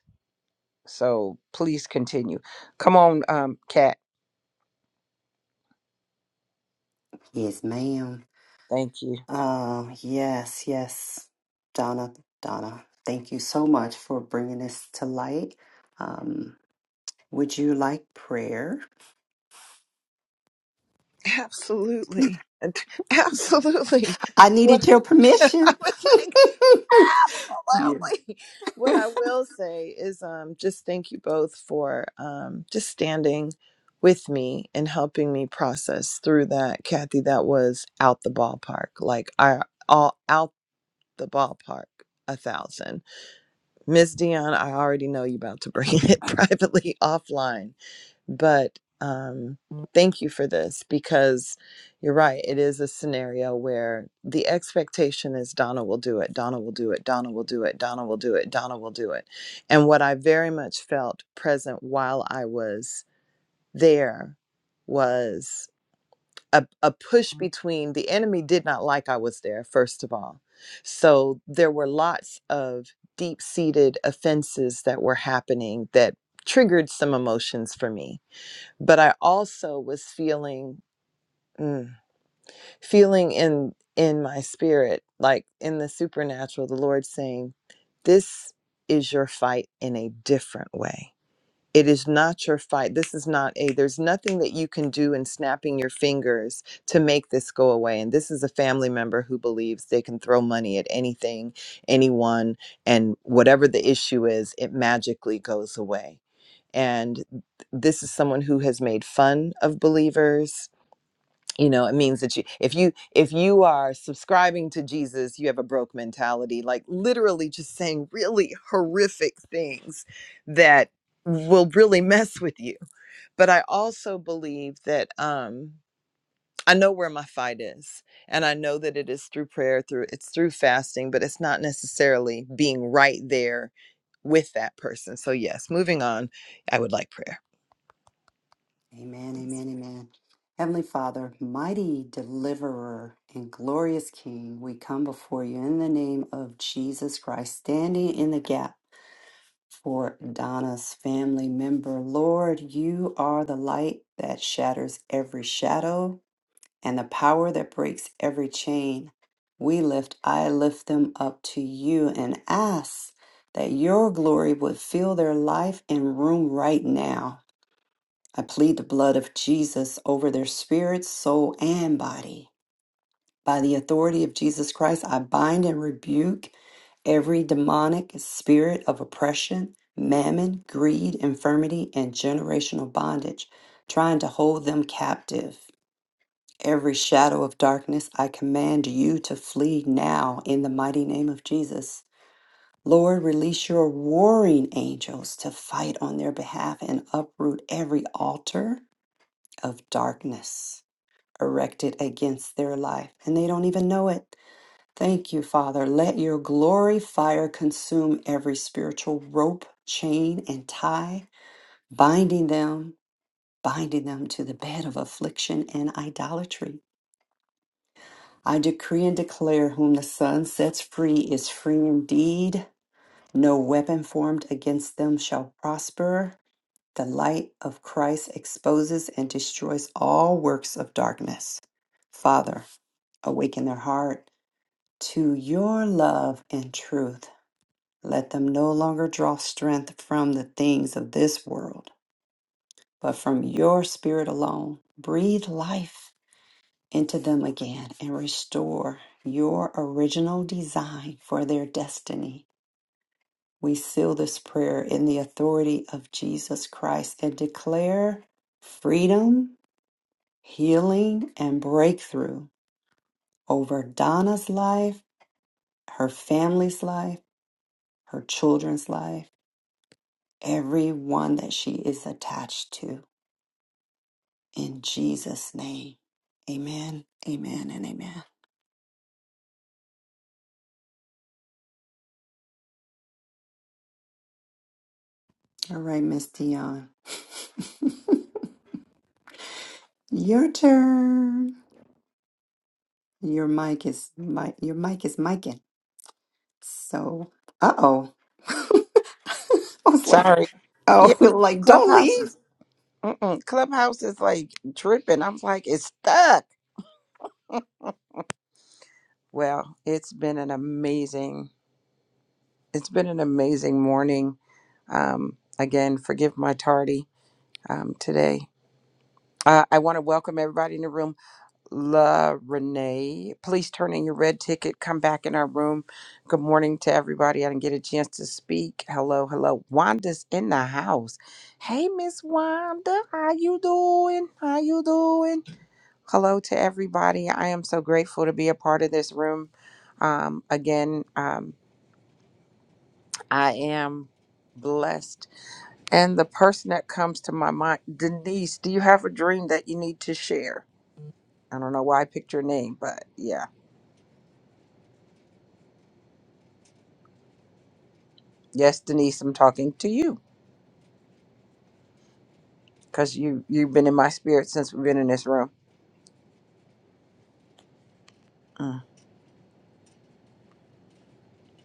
D: So please continue. Come on, um, Kat.
B: Yes, ma'am.
D: Thank you.
B: Uh, yes, yes. Donna, Donna, thank you so much for bringing this to light. Um, would you like prayer?
F: Absolutely. And- Absolutely.
B: I
F: What
B: needed your
F: I
B: permission.
F: was like
B: yeah.
F: Absolutely. What I will say is um just thank you both for um just standing with me and helping me process through that. Kathy, that was out the ballpark. Like I all out the ballpark a thousand. Miss Dion, I already know you about to bring it privately offline but um, thank you for this because you're right. It is a scenario where the expectation is Donna will do it, Donna will do it, Donna will do it, Donna will do it, Donna will do it. And what I very much felt present while I was there was a, a push between the enemy did not like I was there, first of all. So there were lots of deep seated offenses that were happening that triggered some emotions for me but I also was feeling mm, feeling in in my spirit like in the supernatural the Lord saying this is your fight in a different way it is not your fight. This is not a, there's nothing that you can do in snapping your fingers to make this go away. And this is a family member who believes they can throw money at anything, anyone, and whatever the issue is, it magically goes away. And this is someone who has made fun of believers you know it means that you if you if you are subscribing to jesus you have a broke mentality like literally just saying really horrific things that will really mess with you but i also believe that um i know where my fight is and i know that it is through prayer through it's through fasting but it's not necessarily being right there with that person so yes moving on i would like prayer
B: Amen, amen, amen. Heavenly Father, mighty deliverer and glorious King, we come before you in the name of Jesus Christ, standing in the gap for Donna's family member. Lord, you are the light that shatters every shadow and the power that breaks every chain. We lift, I lift them up to you and ask that your glory would fill their life and room right now. I plead the blood of Jesus over their spirit, soul, and body. By the authority of Jesus Christ, I bind and rebuke every demonic spirit of oppression, mammon, greed, infirmity, and generational bondage, trying to hold them captive. Every shadow of darkness, I command you to flee now in the mighty name of Jesus. Lord, release your warring angels to fight on their behalf and uproot every altar of darkness. erected against their life, and they don't even know it. Thank you, Father. Let your glory fire consume every spiritual rope, chain, and tie, binding them, binding them to the bed of affliction and idolatry. I decree and declare whom the Son sets free is free indeed. No weapon formed against them shall prosper. The light of Christ exposes and destroys all works of darkness. Father, awaken their heart to your love and truth. Let them no longer draw strength from the things of this world, but from your spirit alone. Breathe life into them again and restore your original design for their destiny. We seal this prayer in the authority of Jesus Christ and declare freedom, healing, and breakthrough over Donna's life, her family's life, her children's life everyone that she is attached to. In Jesus' name. Amen, amen, and amen. All right, Miss Dion. your turn. Your mic is mic your mic is micing. So uh oh. I was like,
D: Sorry.
B: oh
D: Yeah,
B: like don't
D: Clubhouse
B: leave.
D: is Mm-mm. Clubhouse is like tripping. I'm like, it's stuck. Well, it's been an amazing, it's been an amazing morning. Um, again, forgive my tardy um, today. Uh, I want to welcome everybody in the room. La Renee. Please turn in your red ticket. Come back in our room. Good morning to everybody. I didn't get a chance to speak. Hello, hello. Wanda's in the house. Hey, Miss Wanda, how you doing? How you doing? Hello to everybody. I am so grateful to be a part of this room. Um, again, um, I am blessed. And the person that comes to my mind, Denise, do you have a dream that you need to share? I don't know why I picked your name, but yeah. Yes, Denise, I'm talking to you because you you've been in my spirit since we've been in this room. Mm.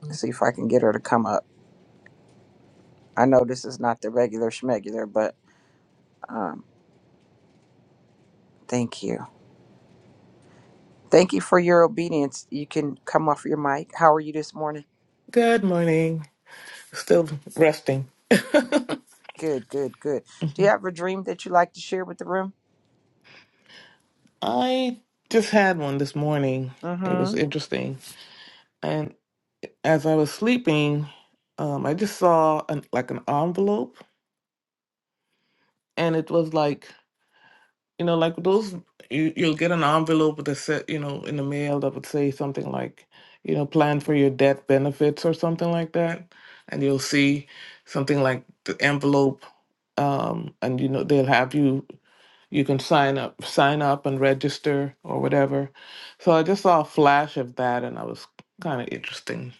D: Let's see if I can get her to come up. I know this is not the regular schmegular, but um, thank you, thank you for your obedience. You can come off your mic. How are you this morning?
G: Good morning. Still resting.
D: Good, good, good. Do you have a dream that you like to share with the room?
G: I just had one this morning. It was
D: Mm-hmm.
G: interesting. And as I was sleeping, um, I just saw an, like an envelope, and it was like you know, like those you, you'll get an envelope with a set, you know, in the mail that would say something like, you know, plan for your death benefits or something like that, and you'll see something like the envelope, um, and you know they'll have you you can sign up sign up and register or whatever so i just saw a flash of that and i was kind of interesting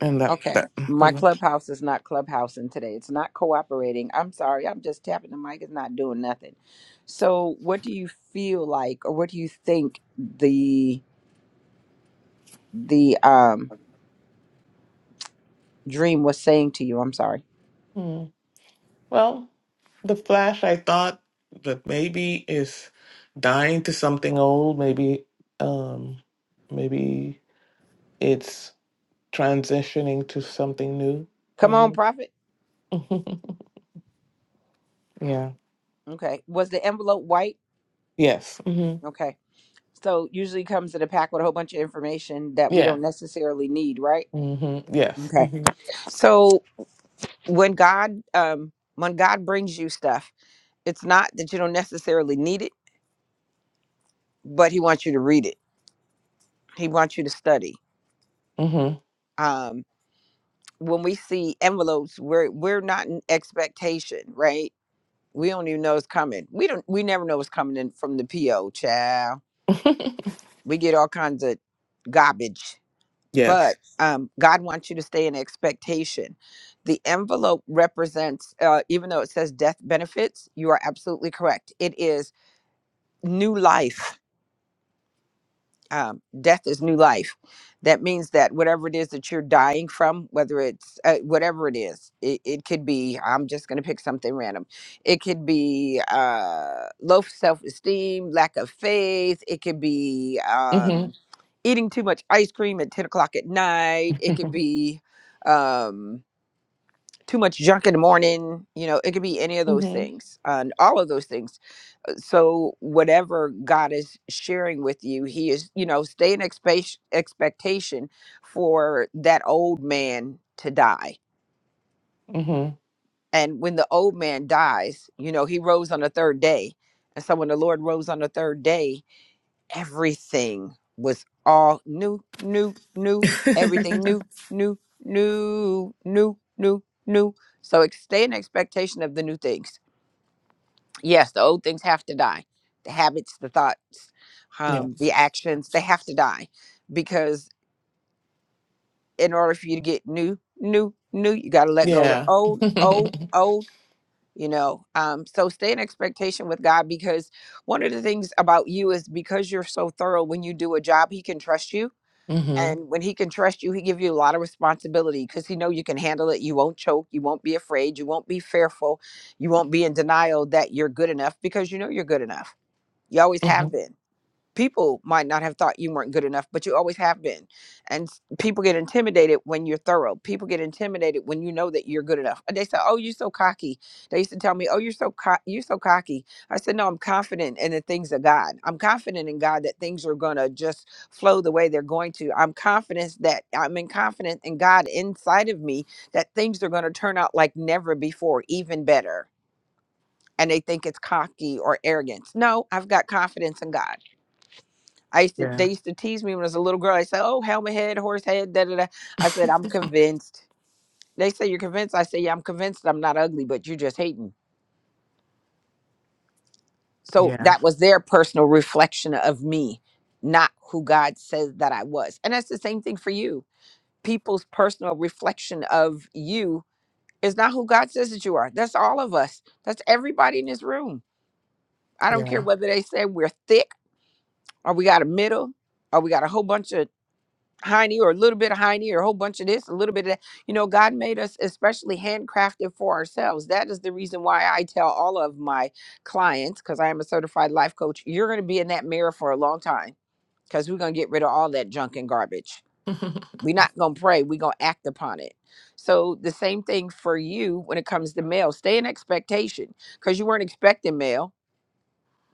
G: and that that
D: Okay.
G: mm,
D: My
G: pretty much
D: clubhouse is not clubhousing today. It's not cooperating. I'm sorry. I'm just tapping the mic. It's not doing nothing. So, what do you feel like, or what do you think the the um dream was saying to you. I'm sorry.
G: Hmm. well the flash i thought that maybe is dying to something old maybe um maybe it's transitioning to something new
D: Come on,
G: maybe
D: prophet.
G: Mhm. yeah
D: Okay. Was the envelope white?
G: yes hmm
D: Okay. So usually comes in a pack with a whole bunch of information that we
G: yeah
D: don't necessarily need, right?
G: hmm yes
D: Okay.
G: hmm
D: So when God um when God brings you stuff, it's not that you don't necessarily need it, but he wants you to read it. He wants you to study.
G: hmm
D: Um when we see envelopes, we're we're not in expectation, right? We don't even know it's coming. We don't we never know what's coming in from the PO, child we get all kinds of garbage but
G: yes
D: um, god wants you to stay in expectation the envelope represents uh, even though it says death benefits you are absolutely correct it is new life um, death is new life. That means that whatever it is that you're dying from, whether it's uh, whatever it is, it, it could be, I'm just going to pick something random. It could be uh, low self esteem, lack of faith. It could be
G: hmm
D: um, eating too much ice cream at 10 o'clock at night. It could
G: hmm
D: be um, too much junk in the morning. You know, it could be any of those things. Uh, And all of those things so whatever god is sharing with you he is you know stay in expect- expectation for that old man to die
G: Mm-hmm.
D: and when the old man dies you know he rose on the third day and so when the lord rose on the third day everything was all new new new everything new new new new new new so ex- stay in expectation of the new things yes the old things have to die the habits the thoughts
G: Yeah.
D: um the actions they have to die because in order for you to get new new new you got to let go to
G: Yeah.
D: old old old you know um so stay in expectation with god because one of the things about you is because you're so thorough when you do a job he can trust you
G: mm-hmm.
D: and when he can trust you he give you a lot of responsibility because he know you can handle it you won't choke you won't be afraid you won't be fearful you won't be in denial that you're good enough because you know you're good enough you always
G: hmm
D: have been. People might not have thought you weren't good enough, but you always have been. And s- people get intimidated when you're thorough. People get intimidated when you know that you're good enough. And They say, "Oh, you're so cocky." They used to tell me, "Oh, you're so co- you're so cocky." I said, "No, I'm confident in the things of God. I'm confident in God that things are gonna just flow the way they're going to. I'm confident that I'm in confident in God inside of me that things are gonna turn out like never before, even better." And they think it's cocky or arrogance. No, I've got confidence in God. I used to
G: Yeah.
D: they used to tease me when I was a little girl. I said, "Oh, helmet head, horse head, da da da." I said, "I'm convinced." They say you're convinced. I say, "Yeah, I'm convinced. I'm not ugly, but you're just hating." So
G: Yeah.
D: that was their personal reflection of me, not who God says that I was. And that's the same thing for you. People's personal reflection of you is not who God says that you are. That's all of us. That's everybody in this room. I don't care
G: Yeah.
D: whether they say we're thick or we got a middle or we got a whole bunch of high knee or a little bit of high knee or a whole bunch of this, a little bit of that. You know, God made us especially handcrafted for ourselves. That is the reason why I tell all of my clients, because I am a certified life coach, you're going to be in that mirror for a long time because we're going to get rid of all that junk and garbage. We're not going to pray, we're going to act upon it. So, the same thing for you when it comes to mail. Stay in expectation because you weren't expecting mail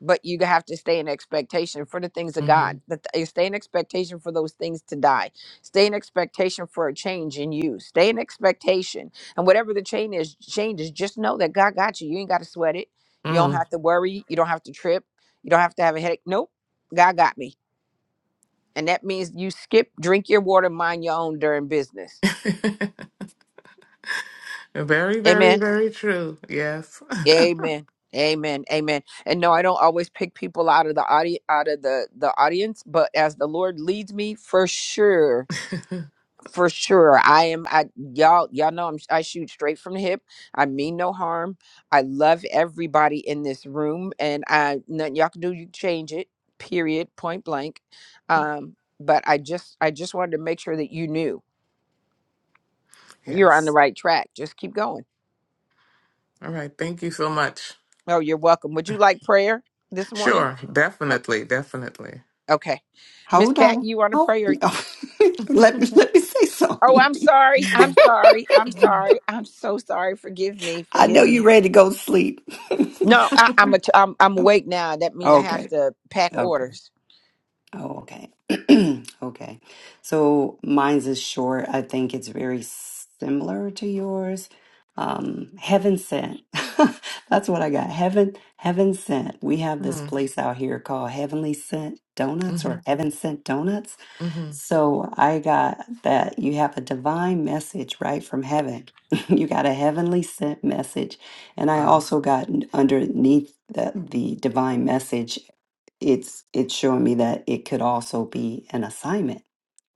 D: but you have to stay in expectation for the things of
G: mm-hmm.
D: God. That th- you stay in expectation for those things to die. Stay in expectation for a change in you. Stay in expectation, and whatever the change is, changes. Just know that God got you. You ain't got to sweat it. You don't
G: mm.
D: have to worry. You don't have to trip. You don't have to have a headache. Nope, God got me, and that means you skip, drink your water, mind your own during business.
G: very,
D: Amen.
G: very, very true. Yes.
D: Amen. Amen. Amen. And no, I don't always pick people out of the audi- out of the the audience, but as the Lord leads me, for sure, for sure, I am. I y'all y'all know I'm. I shoot straight from the hip. I mean no harm. I love everybody in this room, and I nothing y'all can do. You can change it. Period. Point blank. Um, but I just I just wanted to make sure that you knew you're on the
G: yes.
D: right track. Just keep going.
G: All right. Thank you so much.
D: Oh, you're welcome. Would you like prayer this morning?
G: Sure.
D: Oh.
G: Definitely. Definitely.
D: Okay. Miss
B: Hold
D: Cat,
B: on.
D: you want to
B: Hold
D: pray or
B: let me let me say
D: Oh,
B: something.
D: I'm sorry. I'm
G: Mm,
D: sorry. I'm
G: mhm,
D: sorry. I'm so sorry. Forgive me.
B: I know
D: Forgive
B: you're
D: me.
B: ready to go to sleep.
D: No, I, I'm, a, I'm I'm awake now. That mean I have
B: okay.
D: to pack
B: Okay.
D: orders.
B: Oh, okay. Okay. So mine's is short. I think it's very similar to yours. Um, heaven sent. That's what I got. Heaven, heaven sent. We have this
G: mm,
B: place out here called Heavenly Sent Donuts or
G: mhm,
B: Heaven Sent Donuts.
G: mhm.
B: So I got that you have a divine message right from heaven. you got a heavenly sent message. And I
G: Wow.
B: also got n- underneath the, the divine message, it's it's showing me that it could also be an assignment,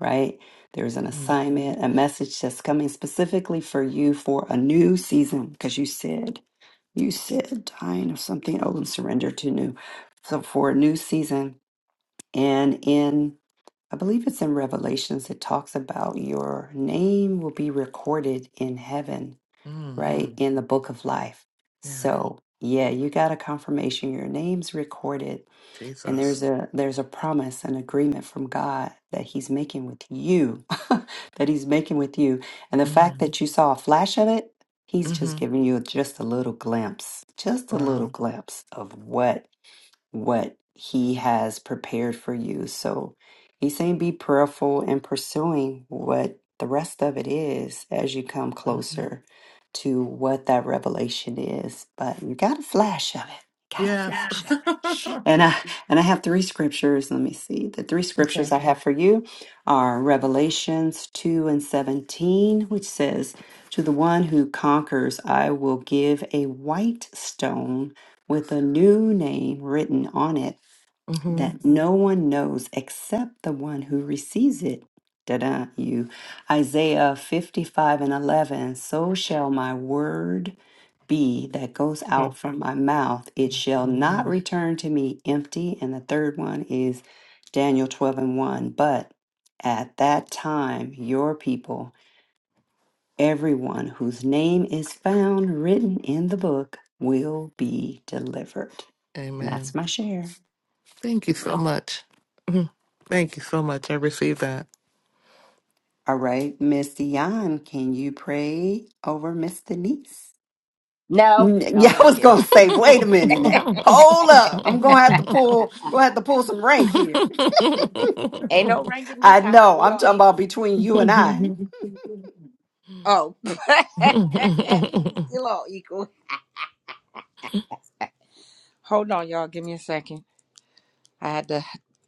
B: right? There's an
G: Mm,
B: assignment, a message that's coming specifically for you for a new season, because you said you said dying of something old and surrender to new. So for a new season and in I believe it's in Revelations, it talks about your name will be recorded in heaven, right?
G: mhm.
B: In the book of life.
G: Yes.
B: So yeah, you got a confirmation. Your name's recorded, and
G: Jesus.
B: there's a there's a promise, an agreement from God that He's making with you, that He's making with you. And the fact
G: Mm,
B: that you saw a flash of it, He's just
G: mhm.
B: giving you just a little glimpse, just a
G: Wow.
B: little glimpse of what what he has prepared for you. So he's saying be prayerful and pursuing what the rest of it is as you come
G: Mhm.
B: closer to what that revelation is. But you got a flash of it. Got a
G: Yes.
B: flash of it. And I and I have three scriptures. Let me see. The three
G: okay.
B: scriptures I have for you are Revelations 2 and 17, which says, To the one who conquers, I will give a white stone with a new name written on it
G: Mm-hmm.
B: that no one knows except the one who receives it. Da-da, you. Isaiah 55 and 11. So shall my word be that goes out from my mouth. It shall not return to me empty. And the third one is Daniel 12 and 1. But at that time, your people, everyone whose name is found written in the book, will be delivered. And that's
G: Amen.
B: my share.
G: Thank you so much. Mhm. Thank you so much. I received that.
B: All right, Miss Dion, can you pray over Miss Denise?
D: No,
B: N-
D: no, I'm
B: Yeah, I
D: just
B: was
D: kidding.
B: gonna say, wait a minute now. Hold up. I'm gonna have to pull I'm gonna have to pull some rank here.
D: Ain't no rank in
B: I
D: this house.
B: know,
D: We
B: I'm
D: all
B: talking about
D: equal.
B: between you and I.
D: Oh, we
G: Hmm.
D: still all equal. Hold on, y'all. Give me a second. I had to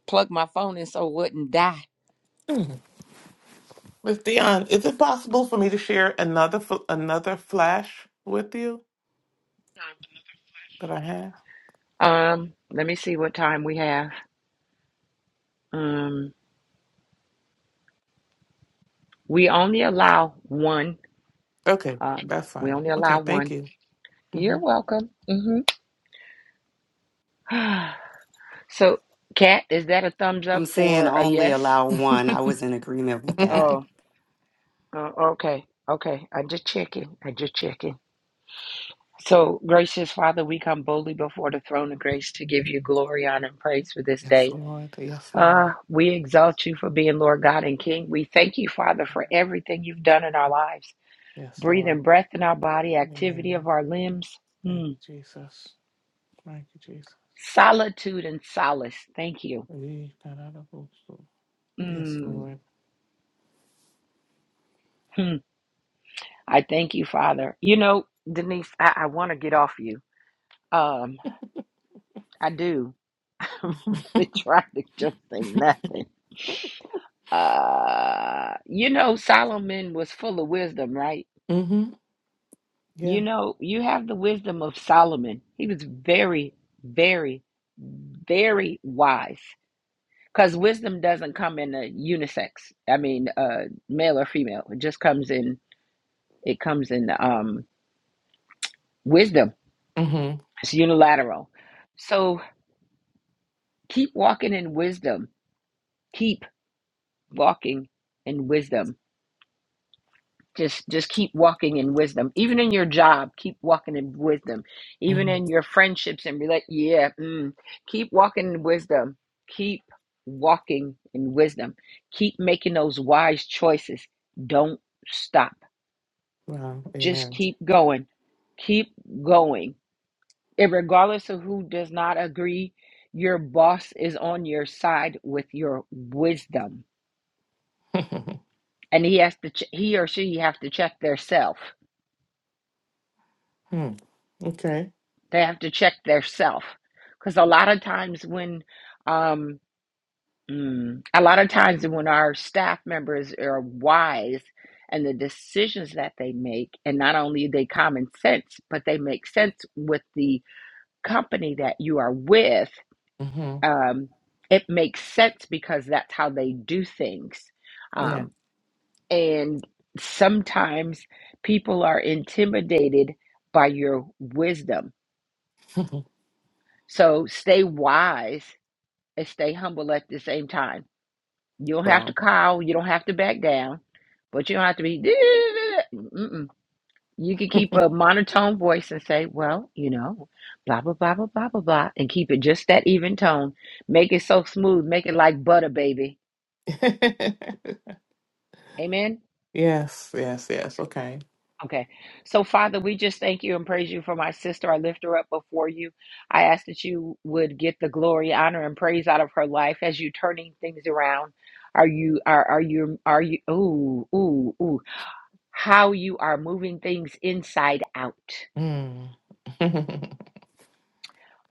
D: plug my phone in so it wouldn't die.
G: Miss Dion, is it possible for me to share another fl- another flash with you that I have?
D: Um, let me see what time we have. Um, we only allow one.
G: Okay,
D: Um,
G: that's
D: we
G: fine.
D: only allow
G: Okay, thank
D: one.
G: you.
D: You're
G: Mhm.
D: welcome. hmm So, Kat, is that a thumbs up
B: I'm saying
D: for a
B: only
D: yes?
B: allow one. I was in agreement with that.
D: Oh, uh, okay. Okay. I just checking. I just checking. So, gracious Father, we come boldly before the throne of grace to give you glory, honor, and praise for this
G: yes,
D: day.
G: Lord. Yes, Lord.
D: Uh, we exalt you for being Lord God and King. We thank you, Father, for everything you've done in our lives
G: Yes,
D: breathing
G: Lord.
D: breath in our body, activity
G: Amen.
D: of our limbs,
G: Thank you,
D: mm.
G: Jesus. Thank you, Jesus.
D: solitude and solace. Thank you.
G: We got out of both. so- Yes,
D: Mm.
G: Lord.
D: Hmm. I thank you, Father. You know, Denise, I, I want to get off you. Um, I do. I'm really trying to just say nothing. Uh, you know, Solomon was full of wisdom, right?
G: Mm-hmm.
D: You
G: Yeah.
D: know, you have the wisdom of Solomon. He was very, very, very wise. Because wisdom doesn't come in a unisex. I mean, uh, male or female. It just comes in. It comes in um, wisdom.
G: Mm-hmm.
D: It's unilateral. So keep walking in wisdom keep walking in wisdom just just keep walking in wisdom even in your job keep walking in wisdom even
G: Mm-hmm.
D: in your friendships and relate yeah mm, keep walking in wisdom keep walking in wisdom keep making those wise choices don't stop
G: Wow.
D: just
G: Amen.
D: keep going keep going and regardless of who does not agree your boss is on your side with your wisdom and he has to ch- he or she have to check their self
G: Hmm. okay.
D: they have to check their self because a lot of times when um mm, a lot of times when our staff members are wise and the decisions that they make and not only are they common sense but they make sense with the company that you are with
G: Mm-hmm.
D: um it makes sense because that's how they do things
G: Yeah.
D: Um, And sometimes people are intimidated by your wisdom. So stay wise and stay humble at the same time. You don't have to
G: wow.
D: cow, you don't have to back down, but you don't have to be. Mm-mm. You can keep a monotone voice and say, well, you know, blah, blah, blah, blah, blah, blah, blah, and keep it just that even tone. Make it so smooth, make it like butter, baby. Amen.
G: yes, yes, yes. Okay.
D: Okay. So, Father, we just thank you and praise you for my sister. I lift her up before you. I ask that you would get the glory, honor, and praise out of her life as you turning things around. Are you are are you are you ooh ooh ooh how you are moving things inside out.
G: Mm.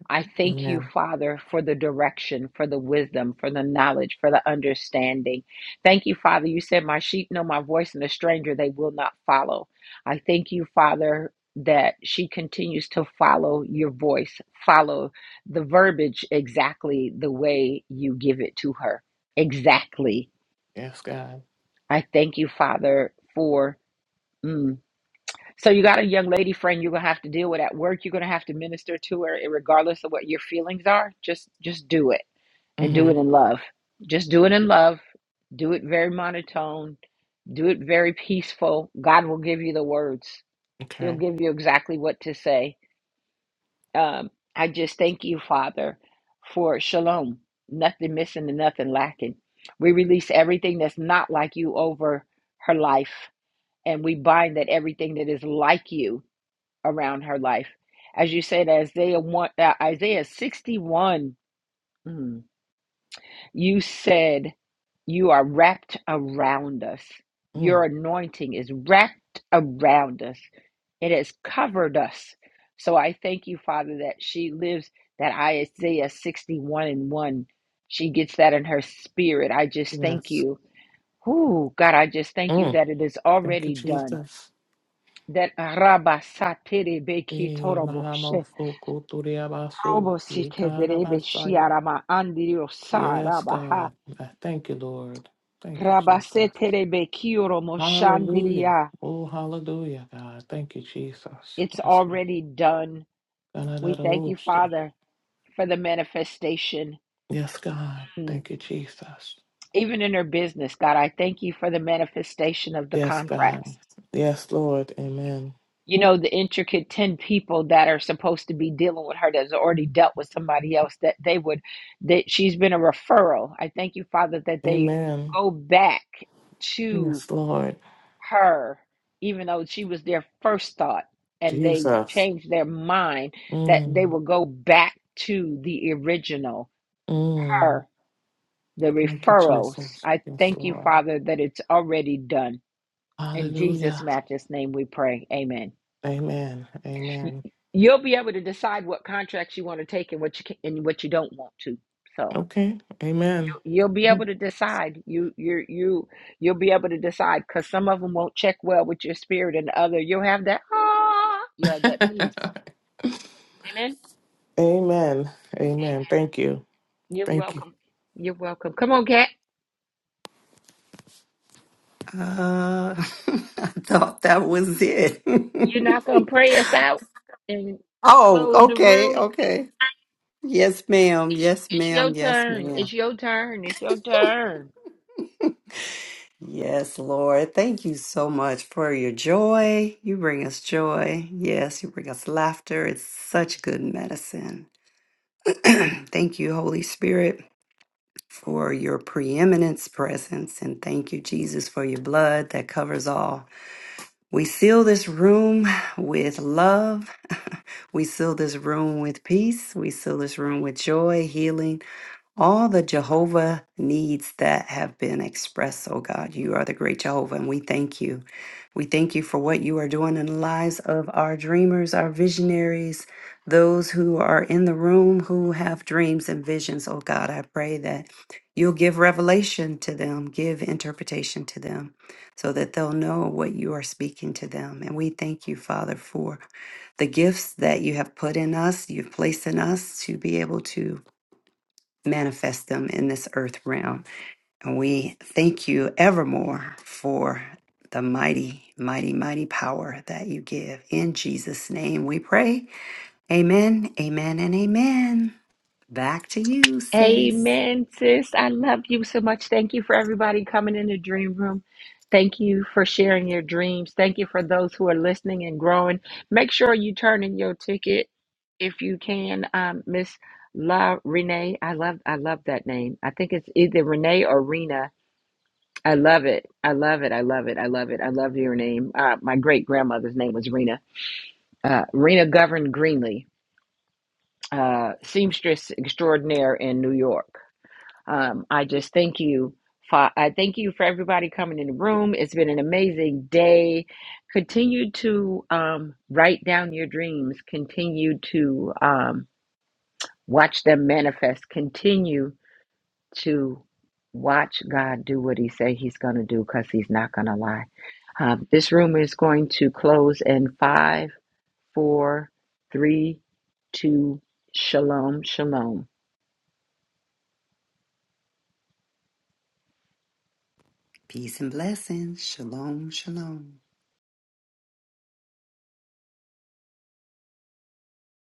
D: I thank you,
G: Amen.
D: Father, for the direction, for the wisdom, for the knowledge, for the understanding. Thank you, Father. You said, My sheep know my voice, and a stranger they will not follow. I thank you, Father, that she continues to follow your voice, follow the verbiage exactly the way you give it to her. Exactly.
G: Yes, God.
D: I thank you, Father, for. Mm. So, you got a young lady friend you're going to have to deal with at work. You're going to have to minister to her, eh, regardless of what your feelings are. Just, just do it and do
G: Mm-hmm.
D: it in love. Just do it in love. Do it very monotone. Do it very peaceful. God will give you the words, He'll
G: Okay.
D: give you exactly what to say. Um, I just thank you, Father, for shalom. Nothing missing and nothing lacking. We release everything that's not like you over her life, and we bind that everything that is like you around her life. As you said, Isaiah one, uh, Isaiah sixty-one. Mm. You said you are wrapped around us. Your
G: Mm.
D: anointing is wrapped around us. It has covered us. So I thank you, Father, that she lives that Isaiah 61 and 1. She gets that in her spirit. I just thank
G: Yes.
D: you. Oh, God, I just thank you
G: Mm.
D: that it is
G: Thank you,
D: already done.
G: Jesus.
D: That Rabba Satiri Beki
G: Eh, malamo
D: Toroboshe
G: soko toriabaso.
D: Robosite
G: eh,
D: Derebe
G: kanabasaya.
D: Shiarama Andirio
G: Yes, God. I thank you, Lord. Thank you, Jesus.
D: Rabaseterebe kioro
G: Hallelujah.
D: moshandiria.
G: Oh, hallelujah, God. Thank you, Jesus.
D: It's
G: Yes, God.
D: already done. We thank you,
G: Da-da-da-da-ooshi.
D: Father, for the manifestation.
G: Yes, God.
D: Mm.
G: Thank you, Jesus.
D: Even in her business, God, I thank you for the manifestation of the
G: Yes, God.
D: contracts.
G: Yes, Lord. Amen.
D: You know, the intricate 10 people that are supposed to be dealing with her that's already dealt with somebody else, that they would, that she's been a referral. I thank you, Father, that they
G: Amen.
D: go back to.
G: Yes, Lord.
D: her, even though she was their first thought, and they
G: Jesus.
D: changed their mind that they
G: Mm.
D: will go back to the original,
G: Mm.
D: her, the
G: Thank you,
D: referrals.
G: Jesus.
D: I
G: Yes,
D: thank you,
G: Lord.
D: Father, that it's already done. In Jesus'
G: Hallelujah.
D: matchless name we pray. Amen.
G: Amen.
D: Y-
G: Amen.
D: You'll be able to decide what contracts you want to take and what you can, and what you don't want to. So.
G: Okay. Amen.
D: you'll be able to decide you you you you'll be able to decide because some of them won't check well with your spirit and the other you'll have that ah you'll have that peace amen
G: Amen. Amen. Thank you.
D: you're
G: Thank you.
D: welcome you're welcome come on cat
B: Uh I thought that was it.
D: you're not gonna pray us out and
B: oh,
D: close the
B: okay,
D: room
B: okay. Yes, ma'am.
D: it's,
B: Yes,
D: it's your
B: ma'am. Yes,
D: turn it's
B: ma'am.
D: your turn it's your turn
B: Yes, Lord. Thank you so much for your joy. You bring us joy. Yes, you bring us laughter. It's such good medicine. thank you, Holy Spirit, for your preeminence presence. And thank you, Jesus, for your blood that covers all. We seal this room with love. we seal this room with peace. We seal this room with joy, healing all the Jehovah needs that have been expressed, oh God. You are the great Jehovah, and we thank you. We thank you for what you are doing in the lives of our dreamers, our visionaries, those who are in the room who have dreams and visions, oh God. I pray that you'll give revelation to them, give interpretation to them, so that they'll know what you are speaking to them. And we thank you, Father, for the gifts that you have put in us, you've placed in us to be able to manifest them in this earth realm. And we thank you evermore for the mighty, mighty, mighty power that you give. In Jesus' name we pray. Amen, amen, and amen. Back to you, sis.
D: Amen, sis. I love you so much. Thank you for everybody coming in the dream room. Thank you for sharing your dreams. Thank you for those who are listening and growing. Make sure you turn in your ticket if you can, um, Miss La Renee. I love I love that name. I think it's either Renee or Rena. I love it. I love it. I love it. I love it. I love your name. Uh, my great grandmother's name was Rena. Uh, Rena Govern Greenlee, uh, seamstress extraordinaire in New York. Um, I just thank you. For, I thank you for everybody coming in the room. It's been an amazing day. Continue to um, write down your dreams. Continue to um, watch them manifest. Continue to watch God do what He say He's going to do because He's not going to lie. Um, this room is going to close in five, four, three, two. Shalom, shalom.
B: Peace and blessings. Shalom, shalom.